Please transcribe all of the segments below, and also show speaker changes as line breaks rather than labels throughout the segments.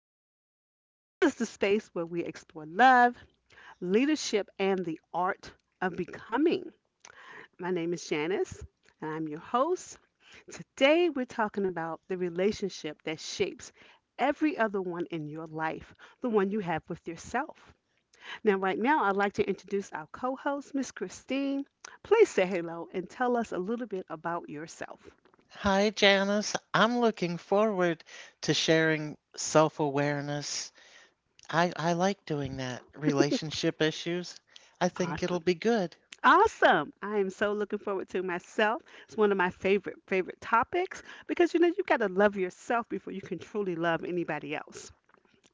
Circle. This is the space where we explore love, leadership, and the art of becoming. My name is Janice, and I'm your host. Today, we're talking about the relationship that shapes every other one in your life, the one you have with yourself. Now, right now, I'd like to introduce our co host, Miss Christine. Please say hello and tell us a little bit about yourself.
Hi, Janice. I'm looking forward to sharing self-awareness. I like doing that. Relationship issues. I think it'll
Awesome.
be good.
Awesome. I am so looking forward to it myself. It's one of my favorite, favorite topics because you know, you got to love yourself before you can truly love anybody else,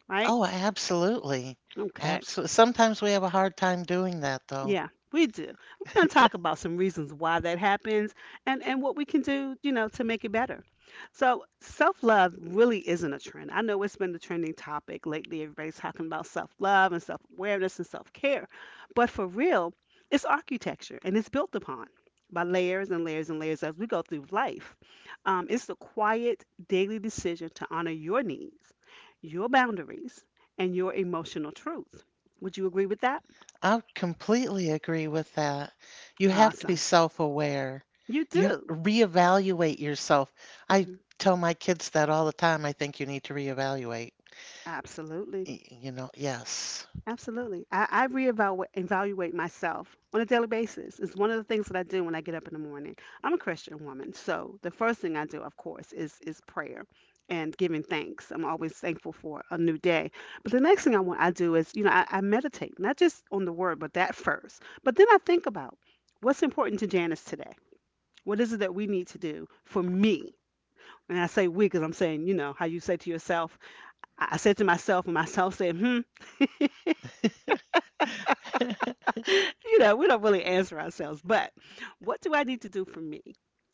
right?
Oh, absolutely.
Okay.
Absolutely. Sometimes we have a hard time doing that, though.
Yeah, we do. We're going to talk about some reasons why that happens and what we can do, you know, to make it better. So, self-love really isn't a trend. I know it's been the trending topic lately. Everybody's talking about self-love and self-awareness and self-care. But for real, it's architecture and it's built upon by layers and layers and layers as we go through life. It's the quiet daily decision to honor your needs, your boundaries, and your emotional truth. Would you agree with that?
I completely agree with that. You have to be
Awesome.
self-aware.
You
You have
do.
to reevaluate yourself. I
Mhm.
tell my kids that all the time. I think you need to reevaluate.
Absolutely.
You know, yes.
Absolutely. I reevaluate evaluate myself on a daily basis. It's one of the things that I do when I get up in the morning. I'm a Christian woman, so the first thing I do, of course, is prayer and giving thanks. I'm always thankful for a new day. But the next thing I do is, you know, I meditate, not just on the word, but that first. But then I think about what's important to Janice today. What is it that we need to do for me? And I say we because I'm saying, you know, how you say to yourself, I said to myself, and myself said, hmm, you know, we don't really answer ourselves. But what do I need to do for me?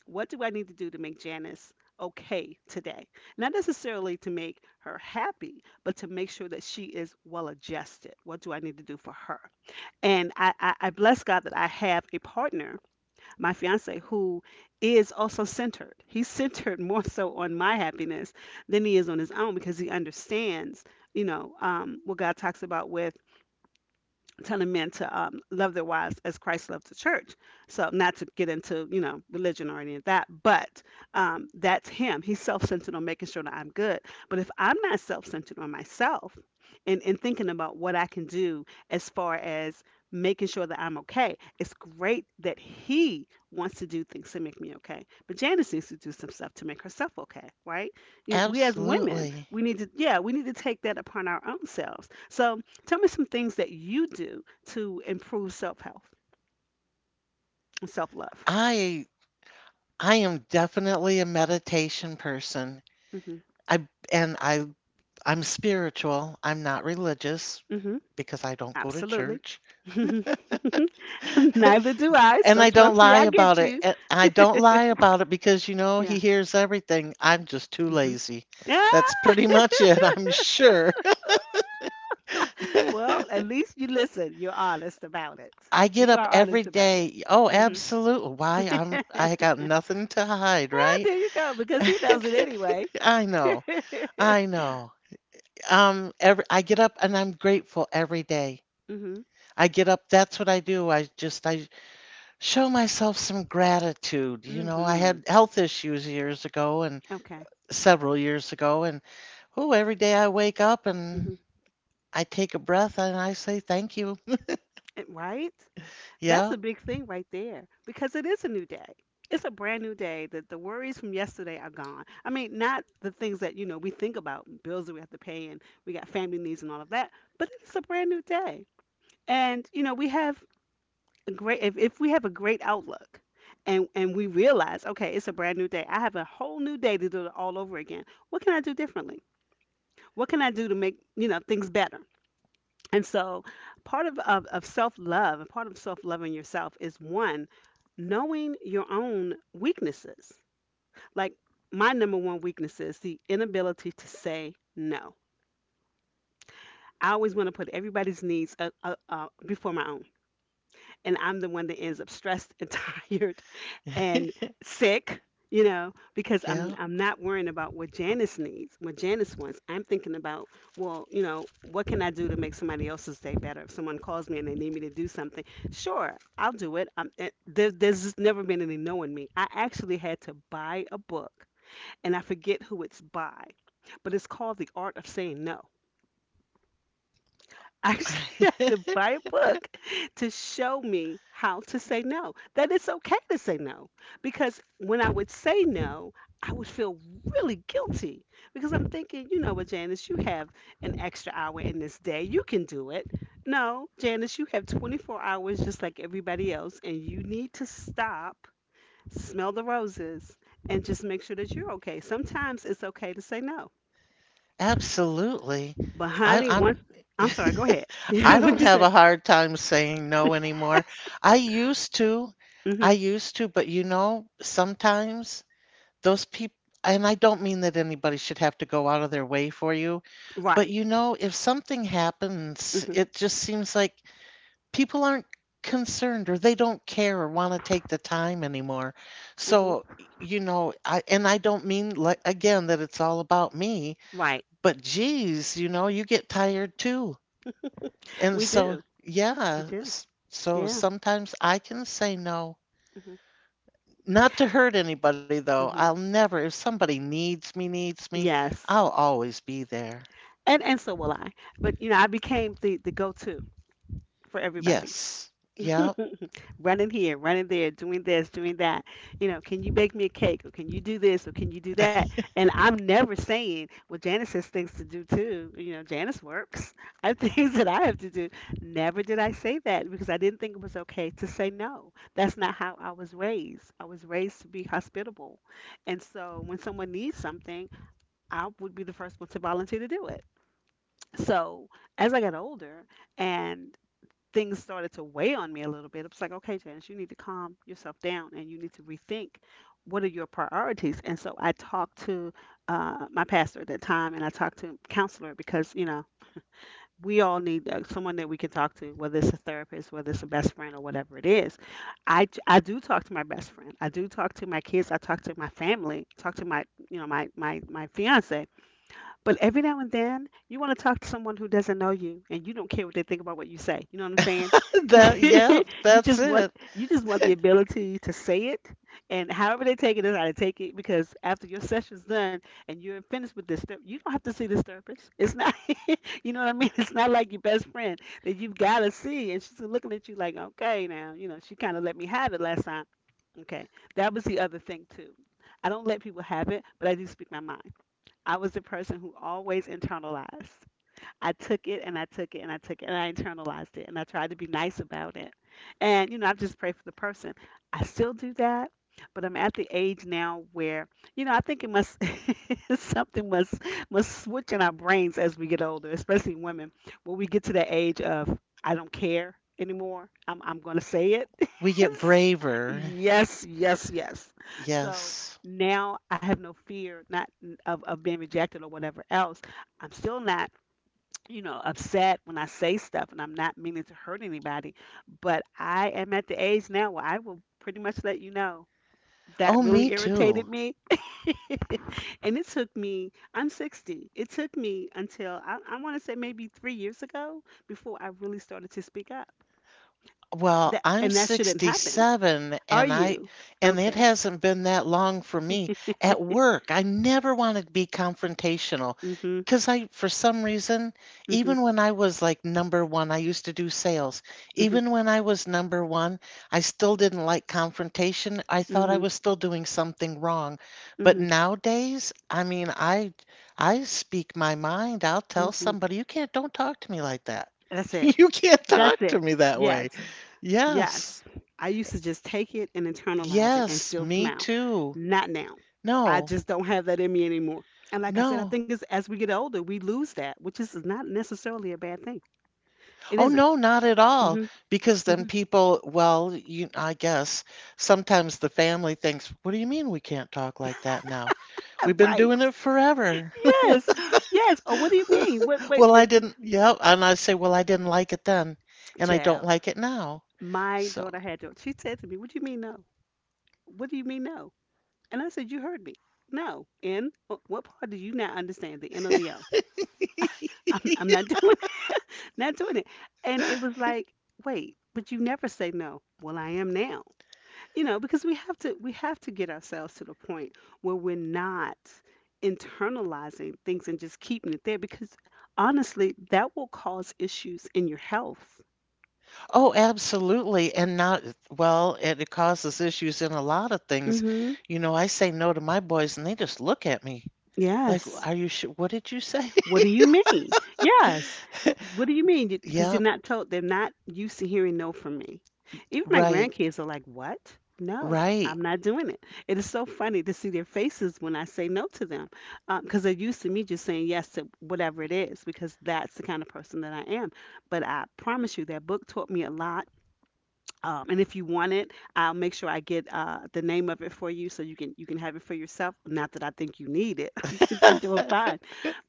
What do I need to do to make Janice okay today? Not necessarily to make her happy, but to make sure that she is well adjusted. What do I need to do for her? And I bless God that I have a partner, my fiance, who is also centered. He's centered more so on my happiness than he is on his own because he understands, you know, what God talks about with telling men to love their wives as Christ loved the church. So, not to get into, you know, religion or any of that, but that's him. He's self centered on making sure that I'm good. But if I'm not self centered on myself and thinking about what I can do as far as making sure that I'm okay, it's great that he wants to do things to make me okay. But Janice needs to do some stuff to make herself okay, right? You- We as women,
Absolutely.
we need to, yeah, we need to take that upon our own selves. So, tell me some things that you do to improve self health and self love.
I I am definitely a meditation person.
Hmm
I and I I'm spiritual. I'm not religious
hmm
because I don't go to
Absolutely.
church.
Neither do I.
And
So
I don't
trust me,
lie
I get
about it.
you.
And I don't lie about it because, you know, he
Yeah.
hears everything. I'm just too
hmm
lazy.
Yeah.
That's pretty much it, I'm sure.
Well, at least you listen. You're honest about it.
I get
You
up
are
every
honest about it.
day. Oh,
Hmm
absolutely. Why? I got nothing to hide,
Ah,
right?
there you go, because he knows it anyway.
I know. I know. Every I get up and I'm grateful every day.
Mhm.
I get up, that's what I do. I show myself some gratitude. You know, I
Mhm.
had health issues years ago and
Okay.
several years ago and oh, every day I wake up and
Mhm.
I take a breath and I say thank you.
Eh, right? That's
Yeah.
a big thing right there because it is a new day. It's a brand new day that the worries from yesterday are gone. I mean, not the things that, you know, we think about, bills that we have to pay and we got family needs and all of that, but it's a brand new day. And, you know, we have a great if we have a great outlook and we realize, okay, it's a brand new day. I have a whole new day to do it all over again. What can I do differently? What can I do to make, you know, things better? And so part of self love, part of self loving yourself is one, knowing your own weaknesses. Like my number one weakness is the inability to say no. I always want to put everybody's needs before my own. And I'm the one that ends up stressed and tired and sick, you know, because I'm
Yeah.
I'm not worrying about what Janice needs, what Janice wants. I'm thinking about, well, you know, what can I do to make somebody else's day better? If someone calls me and they need me to do something, sure, I'll do it. There's just never been any no in me. I actually had to buy a book, and I forget who it's by, but it's called The Art of Saying No actually had to buy a book to show me how to say no. That it's okay to say no. Because when I would say no, I would feel really guilty because I'm thinking, you know what, Janice, you have an extra hour in this day. You can do it. No, Janice, you have 24 hours just like everybody else, and you need to stop, smell the roses, and just make sure that you're okay. Sometimes it's okay to say no.
Absolutely.
But,
I,
honey,
I'm
once I'm sorry, go ahead.
I don't
What'd you
have
say?
a hard time saying no anymore. I used to.
Mm-hmm.
I used to, but you know, sometimes those people, and I don't mean that anybody should have to go out of their way for you, but
Right.
you know, if something happens,
Mhm.
it just seems like people aren't concerned or they don't care or want to take the time anymore.
Mhm.
So, you know, and I don't mean like again that it's all about me.
Right.
But geez, you know, you get tired too. And
We
so,
do. We
yeah,
do.
so
Yeah.
sometimes I can say no.
Mhm.
Not to hurt anybody, though. I'll
Mhm.
never, if somebody needs me, I'll
Yes.
always be there.
And so will I. But you know, I became the go-to for everybody.
Yes. Yep.
Running here, running there, doing this, doing that. You know, can you bake me a cake or can you do this or can you do that? And I'm never saying, well, Janice has things to do too. You know, Janice works. I have things that I have to do. Never did I say that because I didn't think it was okay to say no. That's not how I was raised. I was raised to be hospitable. And so when someone needs something, I would be the first one to volunteer to do it. So as I got older, and things started to weigh on me a little bit. It was like, okay, Janice, you need to calm yourself down and you need to rethink what are your priorities. And so I talked to my pastor at that time and I talked to a counselor because, you know, we all need someone that we can talk to, whether it's a therapist, whether it's a best friend, or whatever it is. I do talk to my best friend. I do talk to my kids. I talk to my family. Talk to my you know my fiance but every now and then, you want to talk to someone who doesn't know you, and you don't care what they think about what you say. You know what I'm saying?
That, yep,
You
that's
just want
it.
you just want the ability to say it, and however they take it is how they take it. Because after your session's done and you're finished with this, you don't have to see this therapist. It's not, you know what I mean? It's not like your best friend that you've got to see, and she's looking at you like, okay, now you know she kind of let me have it last time. Okay, that was the other thing too. I don't let people have it, but I do speak my mind. I was the person who always internalized. I took it and I took it and I took it and I internalized it and I tried to be nice about it. And, you know, I just pray for the person. I still do that, but I'm at the age now where, you know, I think it must, something must switch in our brains as we get older, especially women, when we get to the age of, I don't care anymore. I'm going to say it.
We get braver.
Yes, yes, yes. So,
Yes.
now I have no fear not n- of being rejected or whatever else. I'm still not you know, upset when I say stuff and I'm not meaning to hurt anybody. But I am at the age now where I will pretty much let you know that
Oh, me
really
too.
irritated me. And it took me, I'm 60, it took me until I want to say maybe 3 years ago before I really started to speak up.
Well,
That
I'm
And that shouldn't happen.
67
Are
and I
you?
and it
Okay.
hasn't been that long for me at work. I never wanted to be confrontational
Mm-hmm.
because I for some reason
Mm-hmm.
even when I was like number one, I used to do sales.
Mm-hmm.
Even when I was number one, I still didn't like confrontation. I thought I
Mm-hmm.
was still doing something wrong. But
Mm-hmm.
nowadays, I mean, I speak my mind. I'll tell
Mm-hmm.
somebody, you can't don't talk to me like that.
That's it.
You can't
That's
talk to
it.
me that way.
Yes.
Yes,
Yes, I used to just take it and internalize it and
yes,
still
me
smile.
too.
Not now. I
No,
just don't have that in me anymore. And like I said, I
no.
think it's as we get older, we lose that, which is not necessarily a bad thing. It
Oh,
isn't.
no, not at all. Because
Mm-hmm. Mm-hmm.
then people, well, you, I guess sometimes the family thinks, what do you mean we can't talk like that now? We've been
Right.
doing it forever.
Yes. Yes. Oh, what do you mean? What? Wait.
Well, I didn't, yep. And I say, well, I didn't like it then, and I don't
Child,
like it now.
my
So,
daughter She said to me, "What do you mean no? What do you mean no?" And I said, "You heard me. No. In what part do you not understand? The N or the O? I'm not doing not doing it. And it was like, wait, but you never say no. Well, I am now. Because we have to get ourselves to the point where we're not internalizing things and just keeping it there because honestly, that will cause issues in your health.
oh, absolutely. And not, well, it causes issues in a lot of things.
Mhm.
You know, I say no to my boys, and they just look at me. Like,
Yes.
are you sure? What did you say?
What do you mean? Yes. What do you mean? Because
Yeah,
you're not told, they're not used to hearing no from me. Even my
right,
grandkids are like, what? No,
right.
I'm not doing it. It is so funny to see their faces when I say no to them because they're used to me just saying yes to whatever it is because that's the kind of person that I am. But I promise you, that book taught me a lot, and if you want it, I'll make sure I get the name of it for you so you can have it for yourself. Not that I think you need it. I think you're doing fine.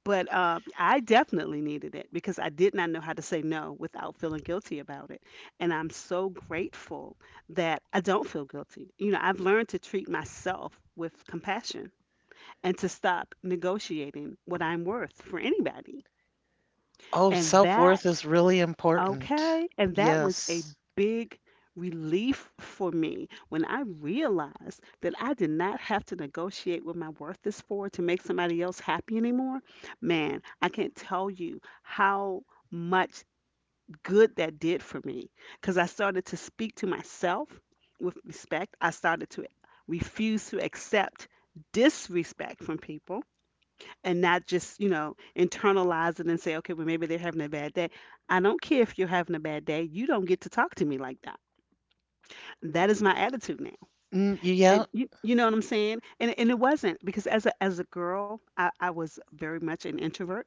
But I definitely needed it because I did not know how to say no without feeling guilty about it. And I'm so grateful that I don't feel guilty. You know, I've learned to treat myself with compassion and to stop negotiating what I'm worth for anybody.
Oh,
And that
self-worth is really important.
Okay. And that was a
Yes.
big relief for me when I realized that I did not have to negotiate what my worth is for to make somebody else happy anymore. Man, I can't tell you how much good that did for me because I started to speak to myself with respect. I started to refuse to accept disrespect from people and not just, you know, internalize it and say, okay, well, maybe they're having a bad day. I don't care if you're having a bad day. You don't get to talk
Uh,
to me like that. That is my attitude now.
mm, yeah,
And you know what I'm saying? And it wasn't because as a girl, I was very much an introvert.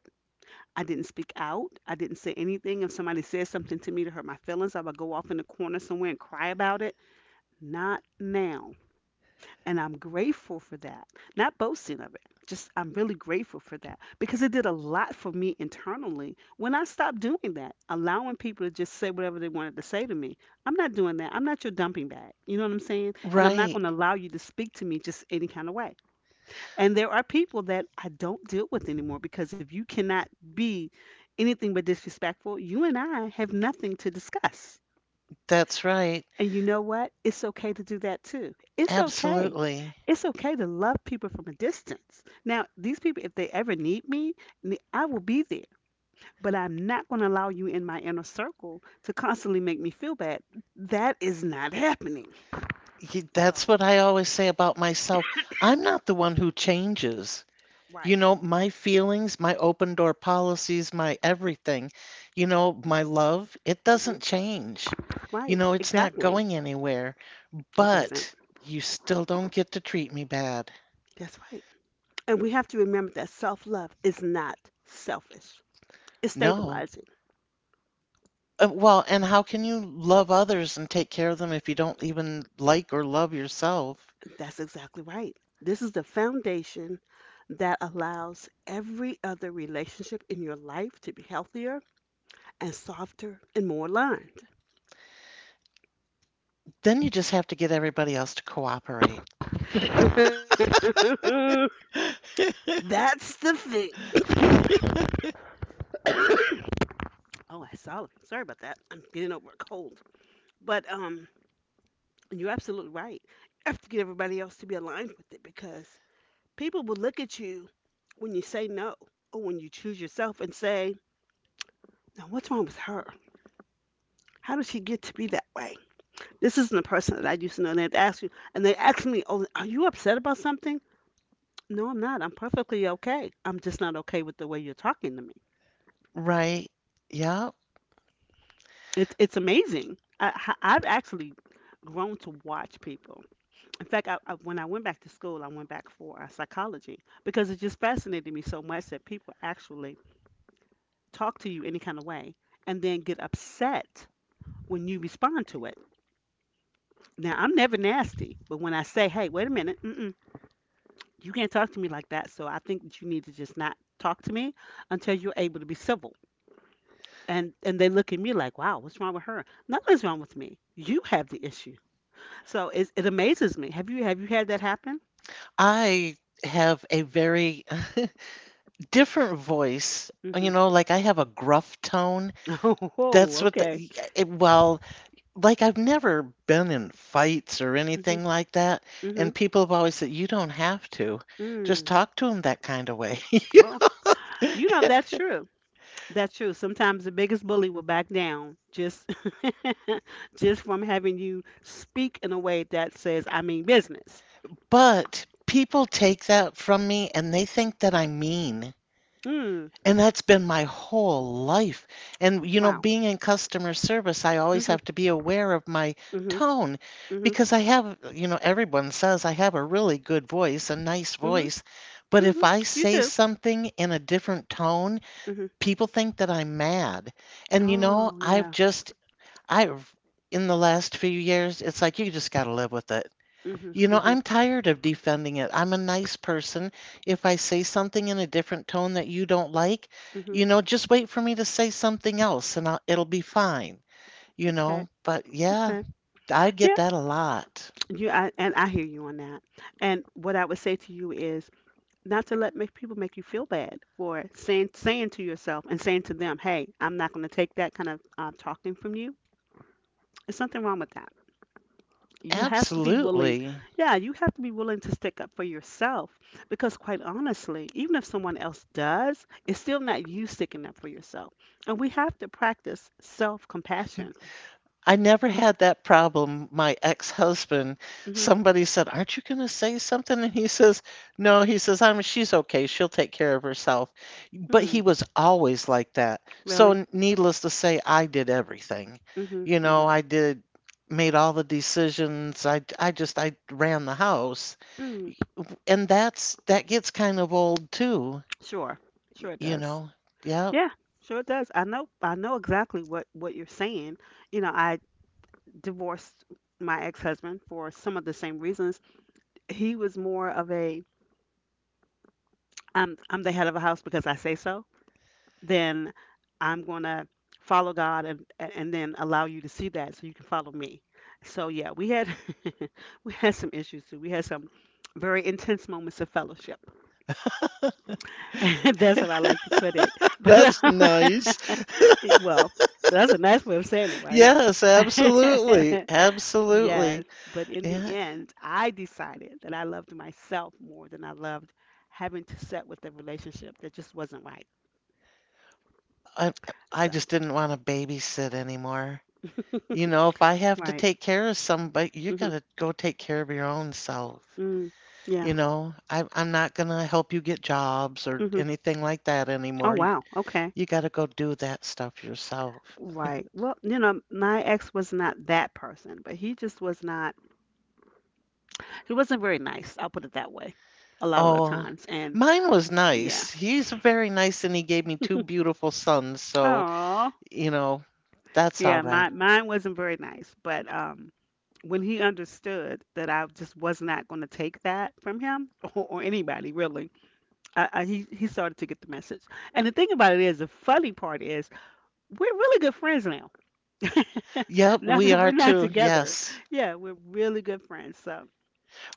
I didn't speak out. I didn't say anything. If somebody said something to me to hurt my feelings, I would go off in the corner somewhere and cry about it. Not now. And I'm grateful for that. Not boasting of it, just I'm really grateful for that because it did a lot for me internally when I stopped doing that, allowing people to just say whatever they wanted to say to me. I'm not doing that. I'm not your dumping bag. You know what I'm saying? And I'm not
right.
going to allow you to speak to me just any kind of way. And there are people that I don't deal with anymore because if you cannot be anything but disrespectful, you and I have nothing to discuss,
That's right.
and you know what? It's okay to do that too. It's okay.
Absolutely.
It's okay to love people from a distance. Now, these people, if they ever need me, I will be there, but I'm not going to allow you in my inner circle to constantly make me feel bad. That is not happening.
That's
So,
what I always say about myself. I'm not the one who changes. You
right.
know, my feelings, my open door policies, my everything, you know, my love, it
Hmm.
doesn't change. You
Right.
know, it's not
Exactly.
going anywhere,
It doesn't.
but you still don't get to treat me bad.
That's right. And we have to remember that self love is not selfish, it's
No.
stabilizing.
Well, and how can you love others and take care of them if you don't even like or love yourself?
That's exactly right. This is the foundation that allows every other relationship in your life to be healthier and softer and more aligned.
Then you just have to get everybody else to cooperate.
That's the thing. Oh, I saw it. Sorry about that. I'm getting over a cold. But you're absolutely right. You have to get everybody else to be aligned with it because people will look at you when you say no or when you choose yourself and say, now what's wrong with her? How did she get to be that way? This isn't the person that I used to know. And they'd ask you, and they ask me, "Oh, are you upset about something?" No, I'm not. I'm perfectly okay. I'm just not okay with the way you're talking to me.
Right. Yeah.
It's amazing. I've actually grown to watch people. In fact, when I went back to school, I went back for psychology because it just fascinated me so much that people actually talk to you any kind of way and then get upset when you respond to it. Now, I'm never nasty, but when I say, "Hey, wait a minute," mm-mm, you can't talk to me like that, so I think that you need to just not talk to me until you're able to be civil, and they look at me like, wow, what's wrong with her? Nothing's wrong with me. You have the issue. So it amazes me. Have you had that happen?
I have a very different voice.
Mm-hmm.
You know, like I have a gruff tone.
Oh,
That's what the,
okay.
it, well, like I've never been in fights or
Mm-hmm.
anything like that.
Mm-hmm.
And people have always said, you don't have to. Just
Mm.
talk to them that kind of way.
Well, you know, that's true. That's true. Sometimes the biggest bully will back down just just from having you speak in a way that says I mean business.
But people take that from me and they think that I'm mean.
Mm.
And that's been my whole life. And, you know,
Wow.
being in customer service, I always
Mm-hmm.
have to be aware of my
Mm-hmm.
tone because I have, you know, everyone says I have a really good voice, a nice
Mm-hmm.
voice. But
Mhm.
if I
You
say
too.
something in a different tone,
Mhm.
people think that I'm mad. And, you know,
Oh,
I've
yeah.
just, I've, in the last few years, it's like you just got to live with it.
Mhm.
You know,
Mhm.
I'm tired of defending it. I'm a nice person. If I say something in a different tone that you don't like,
Mhm.
you know, just wait for me to say something else and it'll be fine, you
Okay.
know. But yeah,
Okay.
I get
Yeah.
that a lot.
You I, and I hear you on that. And what I would say to you is not to let make people make you feel bad for saying to yourself and saying to them, "Hey, I'm not going to take that kind of talking from you." There's something wrong with that. You have to be willing
Absolutely.
Yeah, you have to be willing to stick up for yourself, because quite honestly, even if someone else does, it's still not you sticking up for yourself. And we have to practice self-compassion.
I never had that problem. My ex-husband,
Hmm.
somebody said, "Aren't you gonna say something?" And he says, "No." He says, "I'm she's okay. She'll take care of herself." But he
Mm,
was always like that. So
really.
needless to say, I did everything.
Hmm.
You know,
Hmm.
I did made all the decisions. I ran the house.
Mm,
And that gets kind of old too,
sure. Sure it
you
does.
know. Yeah.
Yeah, sure it does. I know exactly what you're saying. You know, I divorced my ex-husband for some of the same reasons. He was more of a I'm the head of a house because I say so. Then I'm going to follow God, and then allow you to see that so you can follow me. So yeah, we had we had some issues too. We had some very intense moments of fellowship. That's how I like to put it. But
That's nice.
well, that's a nice way of saying it, right?
Yes, absolutely.
Yes,
Absolutely.
but in the
Yeah,
end, I decided that I loved myself more than I loved having to set with a relationship that just wasn't right.
I I
So,
just didn't want to babysit anymore. You know, if I have to
right.
take care of somebody, you
Mm-hmm.
gotta go take care of your own self.
Mm, yeah.
You know, I'm not gonna help you get jobs or
Mhm.
anything like that
Oh,
anymore. You,
wow. Okay.
you gotta go do that stuff yourself.
Right. Well, you know, my ex was not that person, but he just was not, he wasn't very nice. I'll put it that way, a lot of the
Oh,
times. And
mine was
yeah.
nice. He's very nice and he gave me two beautiful sons, so,
Oh,
you know, that's all
yeah.
right.
Mine wasn't very nice, but, when he understood that I just was not going to take that from him or anybody really, he, started to get the message. And the thing about it is, the funny part is, we're really good friends now.
Yep,
Now
we
that we're
are
not
too.
together,
Yes.
yeah, we're really good friends. So,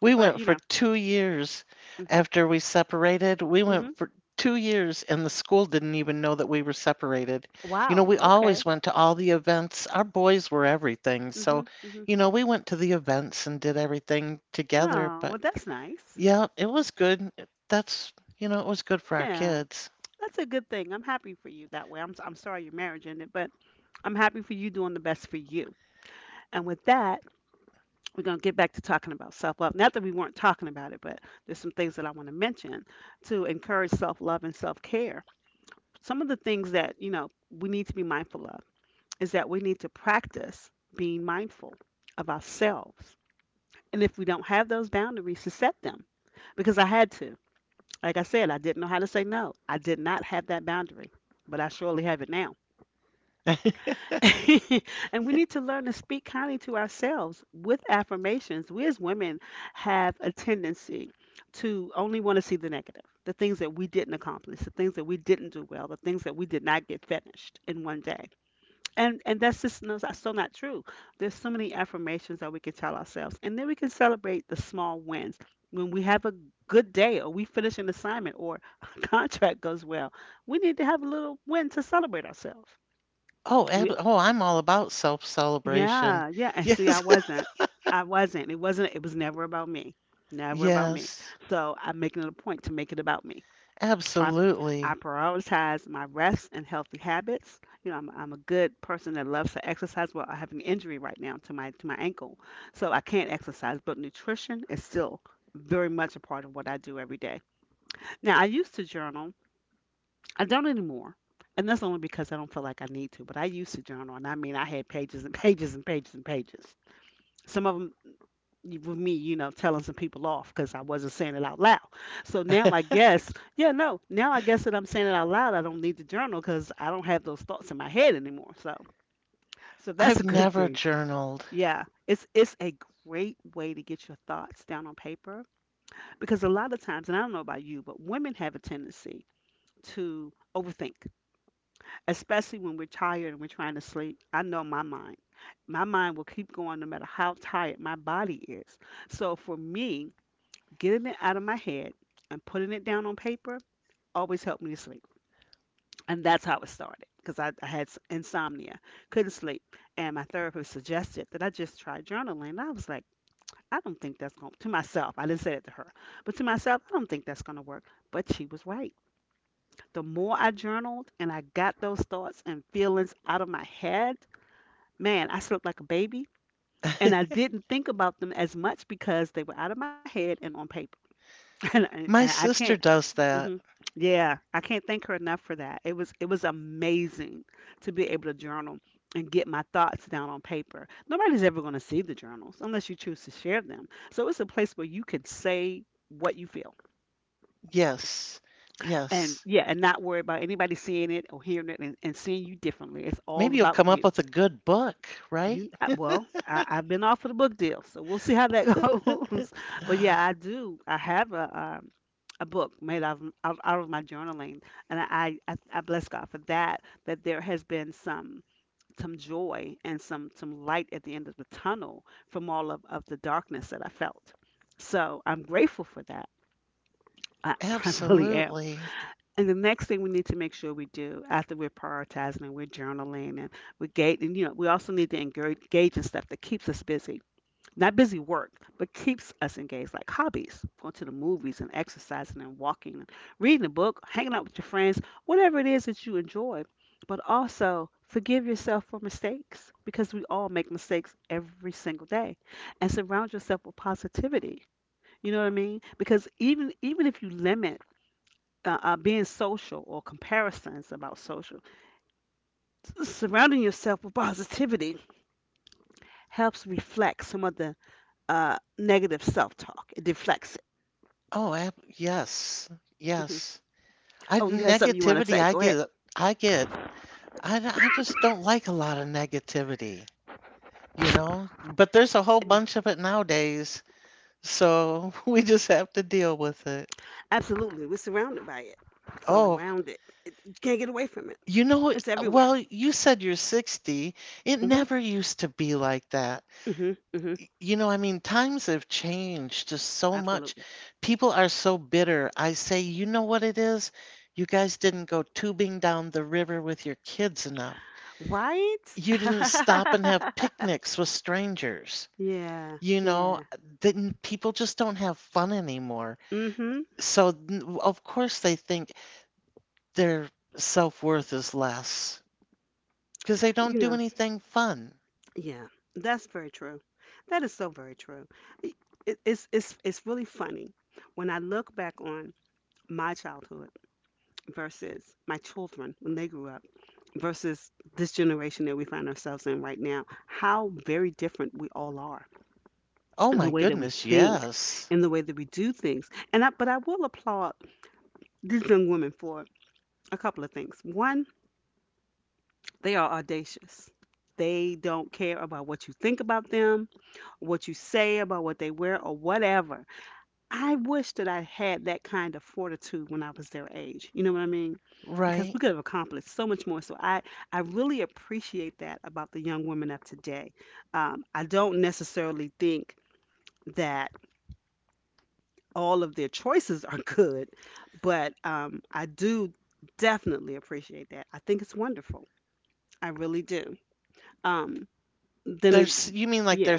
We
but
went
you
for
know,
2 years
hmm
after we separated. We
hmm
went for 2 years, and the school didn't even know that we were separated. You know,
wow,
we always
okay,
went to all the events. Our boys were everything.
hmm
So,
hmm
you know, we went to the events and did everything together.
oh,
But
well, that's nice.
yeah, it was good. That's, it was good for our
Yeah,
kids.
that's a good thing. I'm happy for you that way. I'm sorry your marriage ended, but I'm happy for you doing the best for you. And with that, we're gonna get back to talking about self love. Not that we weren't talking about it, but there's some things that I want to mention to encourage self love and self care. Some of the things that you know we need to be mindful of is that we need to practice being mindful of ourselves. And if we don't have those boundaries, to set them. Because I had to. Like I said, I didn't know how to say no. I did not have that boundary, but I surely have it now. And we need to learn to speak kindly to ourselves with affirmations. We as women have a tendency to only want to see the negative, the things that we didn't accomplish, the things that we didn't do well, the things that we did not get finished in one day. And that's just no, that's still not true. There's so many affirmations that we can tell ourselves, and then we can celebrate the small wins. When we have a good day, or we finish an assignment, or a contract goes well, we need to have a little win to celebrate ourselves.
Oh, ab
We,
oh, I'm all about self-celebration.
yeah, yeah. And see, I
Yes,
wasn't, I wasn't. It was never about me. Never about me.
yes,
So I'm making it a point to make it about me. I, I
absolutely.
prioritize my rest and healthy habits. You know, I'm a good person that loves to exercise. Well, I have an injury right now to my ankle, so I can't exercise. But nutrition is still very much a part of what I do every day. Now, I used to journal. I don't anymore. And that's only because I don't feel like I need to, but I used to journal, and I mean, I had pages and pages and pages and pages. Some of them with me, telling some people off because I wasn't saying it out loud. So now I guess, yeah, no, now I guess that I'm saying it out loud. I don't need the journal because I don't have those thoughts in my head anymore. So that's a
I've
good
never
thing.
journaled.
Yeah, it's a great way to get your thoughts down on paper because a lot of times, and I don't know about you, but women have a tendency to overthink, especially when we're tired and we're trying to sleep. I know my mind. My mind will keep going no matter how tired my body is. So for me, getting it out of my head and putting it down on paper always helped me to sleep. And that's how it started because I had insomnia, couldn't sleep. And my therapist suggested that I just try journaling. And I was like, I don't think that's going to myself, I didn't say it to her, but to myself, I don't think that's going to work. But she was right. The more I journaled and I got those thoughts and feelings out of my head, man, I slept like a baby. And I didn't think about them as much because they were out of my head and on paper. And
My
I can't
sister does
hmm.
that.
Yeah, I can't thank her enough for that. It was amazing to be able to journal and get my thoughts down on paper. Nobody's ever going to see the journals unless you choose to share them. So it's a place where you can say what you feel
Yes.
and
Yes.
yeah, and not worry about anybody seeing it or hearing it and seeing you differently. It's all
Maybe you'll
about
come up
you.
with a good book, right?
I've been offered a book deal, so we'll see how that goes. But yeah, I do. I have a book made out out of my journaling and I bless God for that, that there has been some joy and some light at the end of the tunnel from all of the darkness that I felt. So I'm grateful for that. i, I really am.
Absolutely.
And the next thing we need to make sure we do after we're prioritizing and we're journaling and we're gating, you know, we also need to engage in stuff that keeps us busy, not busy work, but keeps us engaged, like hobbies, going to the movies and exercising and walking, and reading a book, hanging out with your friends, whatever it is that you enjoy. But also forgive yourself for mistakes because we all make mistakes every single day. And surround yourself with positivity. You know what I mean? Because even if you limit being social or comparisons about social, surrounding yourself with positivity helps reflect some of the negative self talk. It deflects
Oh, ab yes.
hmm.
Yes. I
Oh, you have something you want to
negativity
say?
I
Go ahead.
get I get I just don't like a lot of negativity, you know? But there's a whole
I do.
bunch of it nowadays, so we just have to deal with it.
Absolutely, we're surrounded by it.
Oh,
Surrounded. It, you can't get away from it.
you know,
It's everywhere.
well, you said you're 60. It
Hmm
never used to be like that.
hmm hmm.
You know, I mean, times have changed just so much.
Absolutely.
People are so bitter. I say, you know what it is? You guys didn't go tubing down the river with your kids enough.
Right?
You didn't stop and have picnics with strangers.
Yeah.
You know,
Yeah.
then people just don't have fun anymore.
Hmm.
So, of course, they think their self-worth is less because they don't
You
do
know.
anything fun.
Yeah. That's very true. That is so very true. I- it, it's really funny when I look back on my childhood versus my children when they grew up, versus this generation that we find ourselves in right now, how very different we all are
Oh
in the
my
way that we
goodness,
think,
yes.
in the way that we do things. But I will applaud these young women for a couple of things. One, they are audacious. They don't care about what you think about them, what you say about what they wear, or whatever. I wish that I had that kind of fortitude when I was their age. You know what I mean? Because
Right.
we could have accomplished so much more. So I really appreciate that about the young women of today. I don't necessarily think that all of their choices are good, but I do definitely appreciate that. I think it's wonderful. I really do. Um, then it,
There's you mean like their
yeah,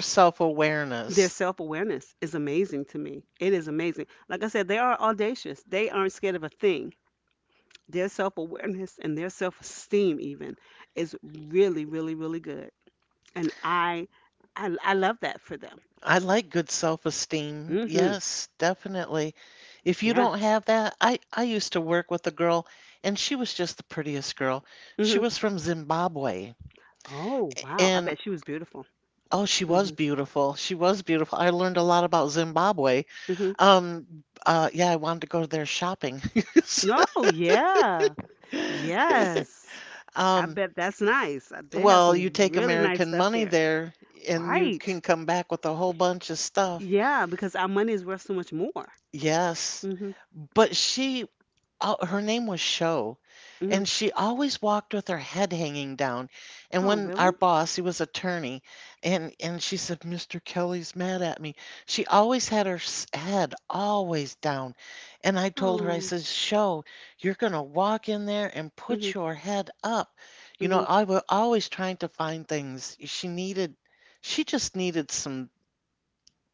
their self awareness is amazing to me. It is amazing. Like I said, they are audacious. They aren't scared of a thing. Their self awareness and their self esteem even is really, really, really good. And I love that for them.
I like good self-esteem.
Hmm.
Yes, definitely. If you don't
Yes.
have that, I used to work with a girl and she was just the prettiest girl. She
Hmm.
was from Zimbabwe
Oh wow! I
and
bet she was beautiful.
oh, she was
Hmm
beautiful. She was beautiful. I learned a lot about Zimbabwe.
hmm.
Yeah, I wanted to go there shopping.
Oh yeah. Yes. I
Um,
bet that's nice. They have
well,
some
you
mhm.
take
Really nice
American
stuff
money
there.
there and you can
Right.
come back with a whole bunch of stuff.
Yeah, because our money is worth so much more.
Yes,
Hmm
but her name was Sho,
hmm.
and she always walked with her head hanging down. And
Oh
when our
really?
boss, he was attorney, and she said, "Mr. Kelly's mad at me," she always had her head always down. And I told her, I
Oh.
says, "Sho, you're gonna walk in there and
Hmm
put your head up." You
hmm
know,
hmm
I was always trying to find things she needed. She just needed some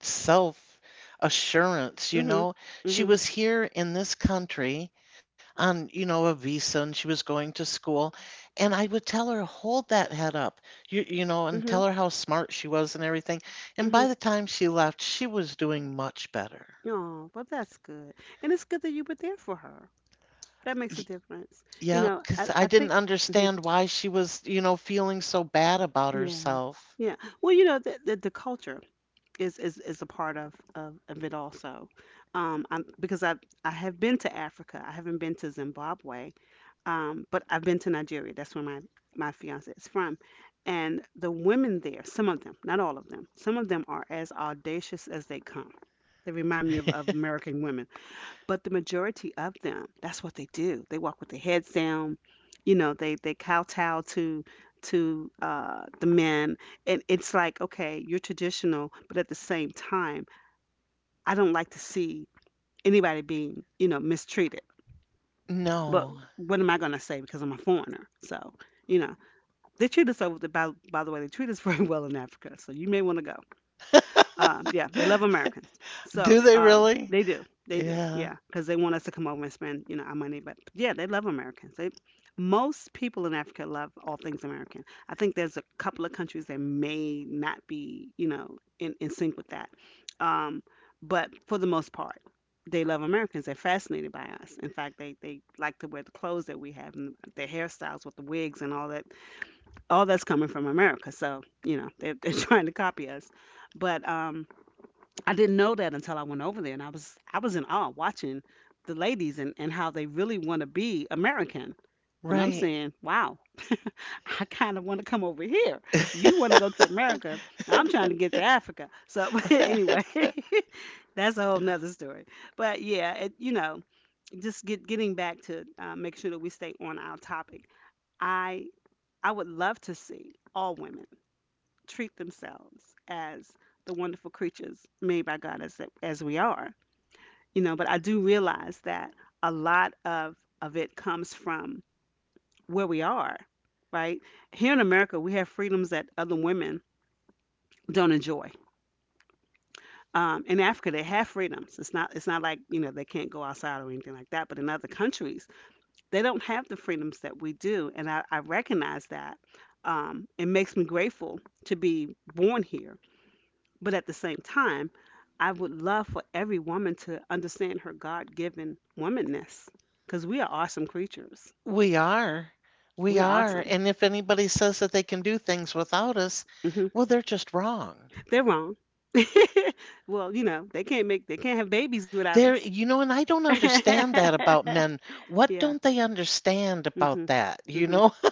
self assurance, you
hmm
know. She was here in this country on a visa and she was going to school. And I would tell her, hold that head up, and
hmm
tell her how smart she was and everything. And
hmm.
by the time she left, she was doing much better.
Oh, well, that's good. And it's good that you were there for her. That makes a
Y-
difference. You
yeah,
know, I,
because I
I
didn't
think, mhm.
understand why she was feeling so bad about
Yeah,
herself.
yeah. Well, you know, the culture is a part of it also. Um, I'm, because I, I have been to Africa. I haven't been to Zimbabwe, but I've been to Nigeria. That's where my fiance is from. And the women there, some of them, not all of them, some of them are as audacious as they come. They remind me of American women. But the majority of them, that's what they do. They walk with their heads down. You know, they kowtow to the men, and it's like, okay, you're traditional, but at the same time, I don't like to see anybody being, you know, mistreated. But
No.
what am I gonna say because I'm a foreigner? So, you know, they treat us over the by the way, they treat us very well in Africa. So you may want to go. Yeah, they love Americans.
Do
So
they really?
they do,
Yeah,
yeah, because they want us to come over and spend, you know, our money. But yeah, they love Americans. They most people in Africa love all things American. I think there's a couple of countries that may not be, you know, in sync with that. Um, but for the most part, they love Americans. They're fascinated by us. In fact, they like to wear the clothes that we have and their hairstyles with the wigs and all that. All that's coming from America. So you know, they're, they're trying to copy us. But I didn't know that until I went over there, and I was in awe watching the ladies and how they really want to be American. And I'm
right.
saying, wow, I kind of want to come over here. You want to go to America. I'm trying to get to Africa. So anyway, that's a whole nother story. But yeah, it, you know, just getting back to make sure that we stay on our topic. I I would love to see all women treat themselves as the wonderful creatures made by God as we are. You know, but I do realize that a lot of it comes from where we are, right here in America. We have freedoms that other women don't enjoy. In Africa they have freedoms. It's not like, you know, they can't go outside or anything like that, but in other countries they don't have the freedoms that we do. And I recognize that. It makes me grateful to be born here. But at the same time, I would love for every woman to understand her God given womanness because we are awesome creatures.
We are. We
We're
are.
awesome.
And if anybody says that they can do things without us,
Hmm.
well, they're just wrong.
They're wrong. Well, you know, they can't make, they can't have babies without
They're,
us.
you know, and I don't understand that about men. What
Yeah.
don't they understand about
Hmm
that?
hmm.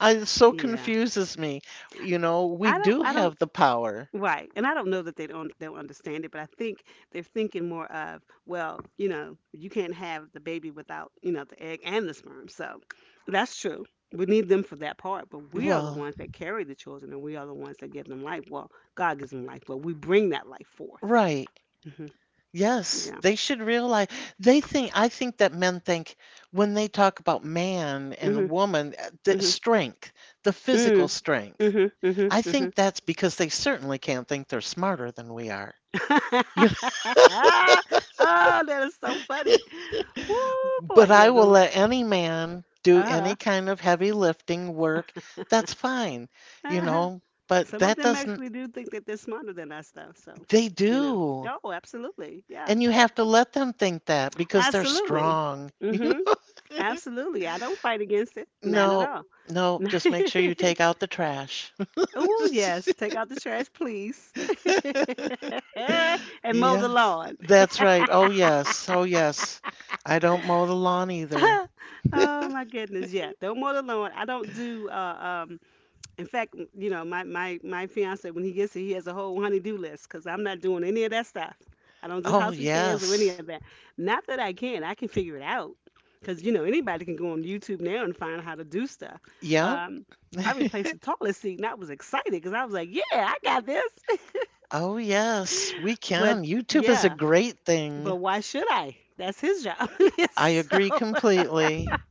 It so
Yeah.
confuses me. You know, we do
I don't,
have the power.
right. And I don't know that they don't they'll understand it, but I think they're thinking more of, well, you know, you can't have the baby without, you know, the egg and the sperm. So that's true. We need them for that part, but we are the
Well,
ones that carry the children and we are the ones that give them life. Well, God gives them life, but we bring that life forth.
right.
Hmm.
Yes,
Yeah.
they should realize they think I think that men think when they talk about man
Hmm
and woman, the
hmm.
strength, the physical
Mm,
strength.
hmm hmm
I
hmm.
think that's because they certainly can't think they're smarter than we are. You- know,
Oh, that is so funny. Woo, boy.
But
Yeah,
I will
no.
let any man do any
Uh-huh.
kind of heavy lifting work. That's fine, you know, but
Some of
that
them
doesn't,
actually do think that they're smarter than us, though. So,
they
you know.
do.
Oh, absolutely. Yeah.
And you have to let them think that because they're
Absolutely.
strong. You
Mm-hmm. Absolutely. I don't fight against it. Not at
no,
all.
no, just make sure you take out the trash.
oh, yes. Take out the trash, please. and mow the
Yes,
lawn.
that's right. Oh, yes. Oh, yes. I don't mow the lawn either.
oh, my goodness. Yeah. Don't mow the lawn. I don't do In fact, my fiance when he gets here, he has a whole honey-do list because I'm not doing any of that stuff. I don't do
Oh,
house repairs or any of
yes.
that. Not that I can figure it out because you know anybody can go on YouTube now and find how to do stuff.
Yeah.
Um, I replaced the toilet seat and I was excited because I was like, yeah, I got this.
Oh, yes, we
But
can. YouTube is a
yeah,
great
but
thing.
why should I? That's his job.
I
So,
agree completely.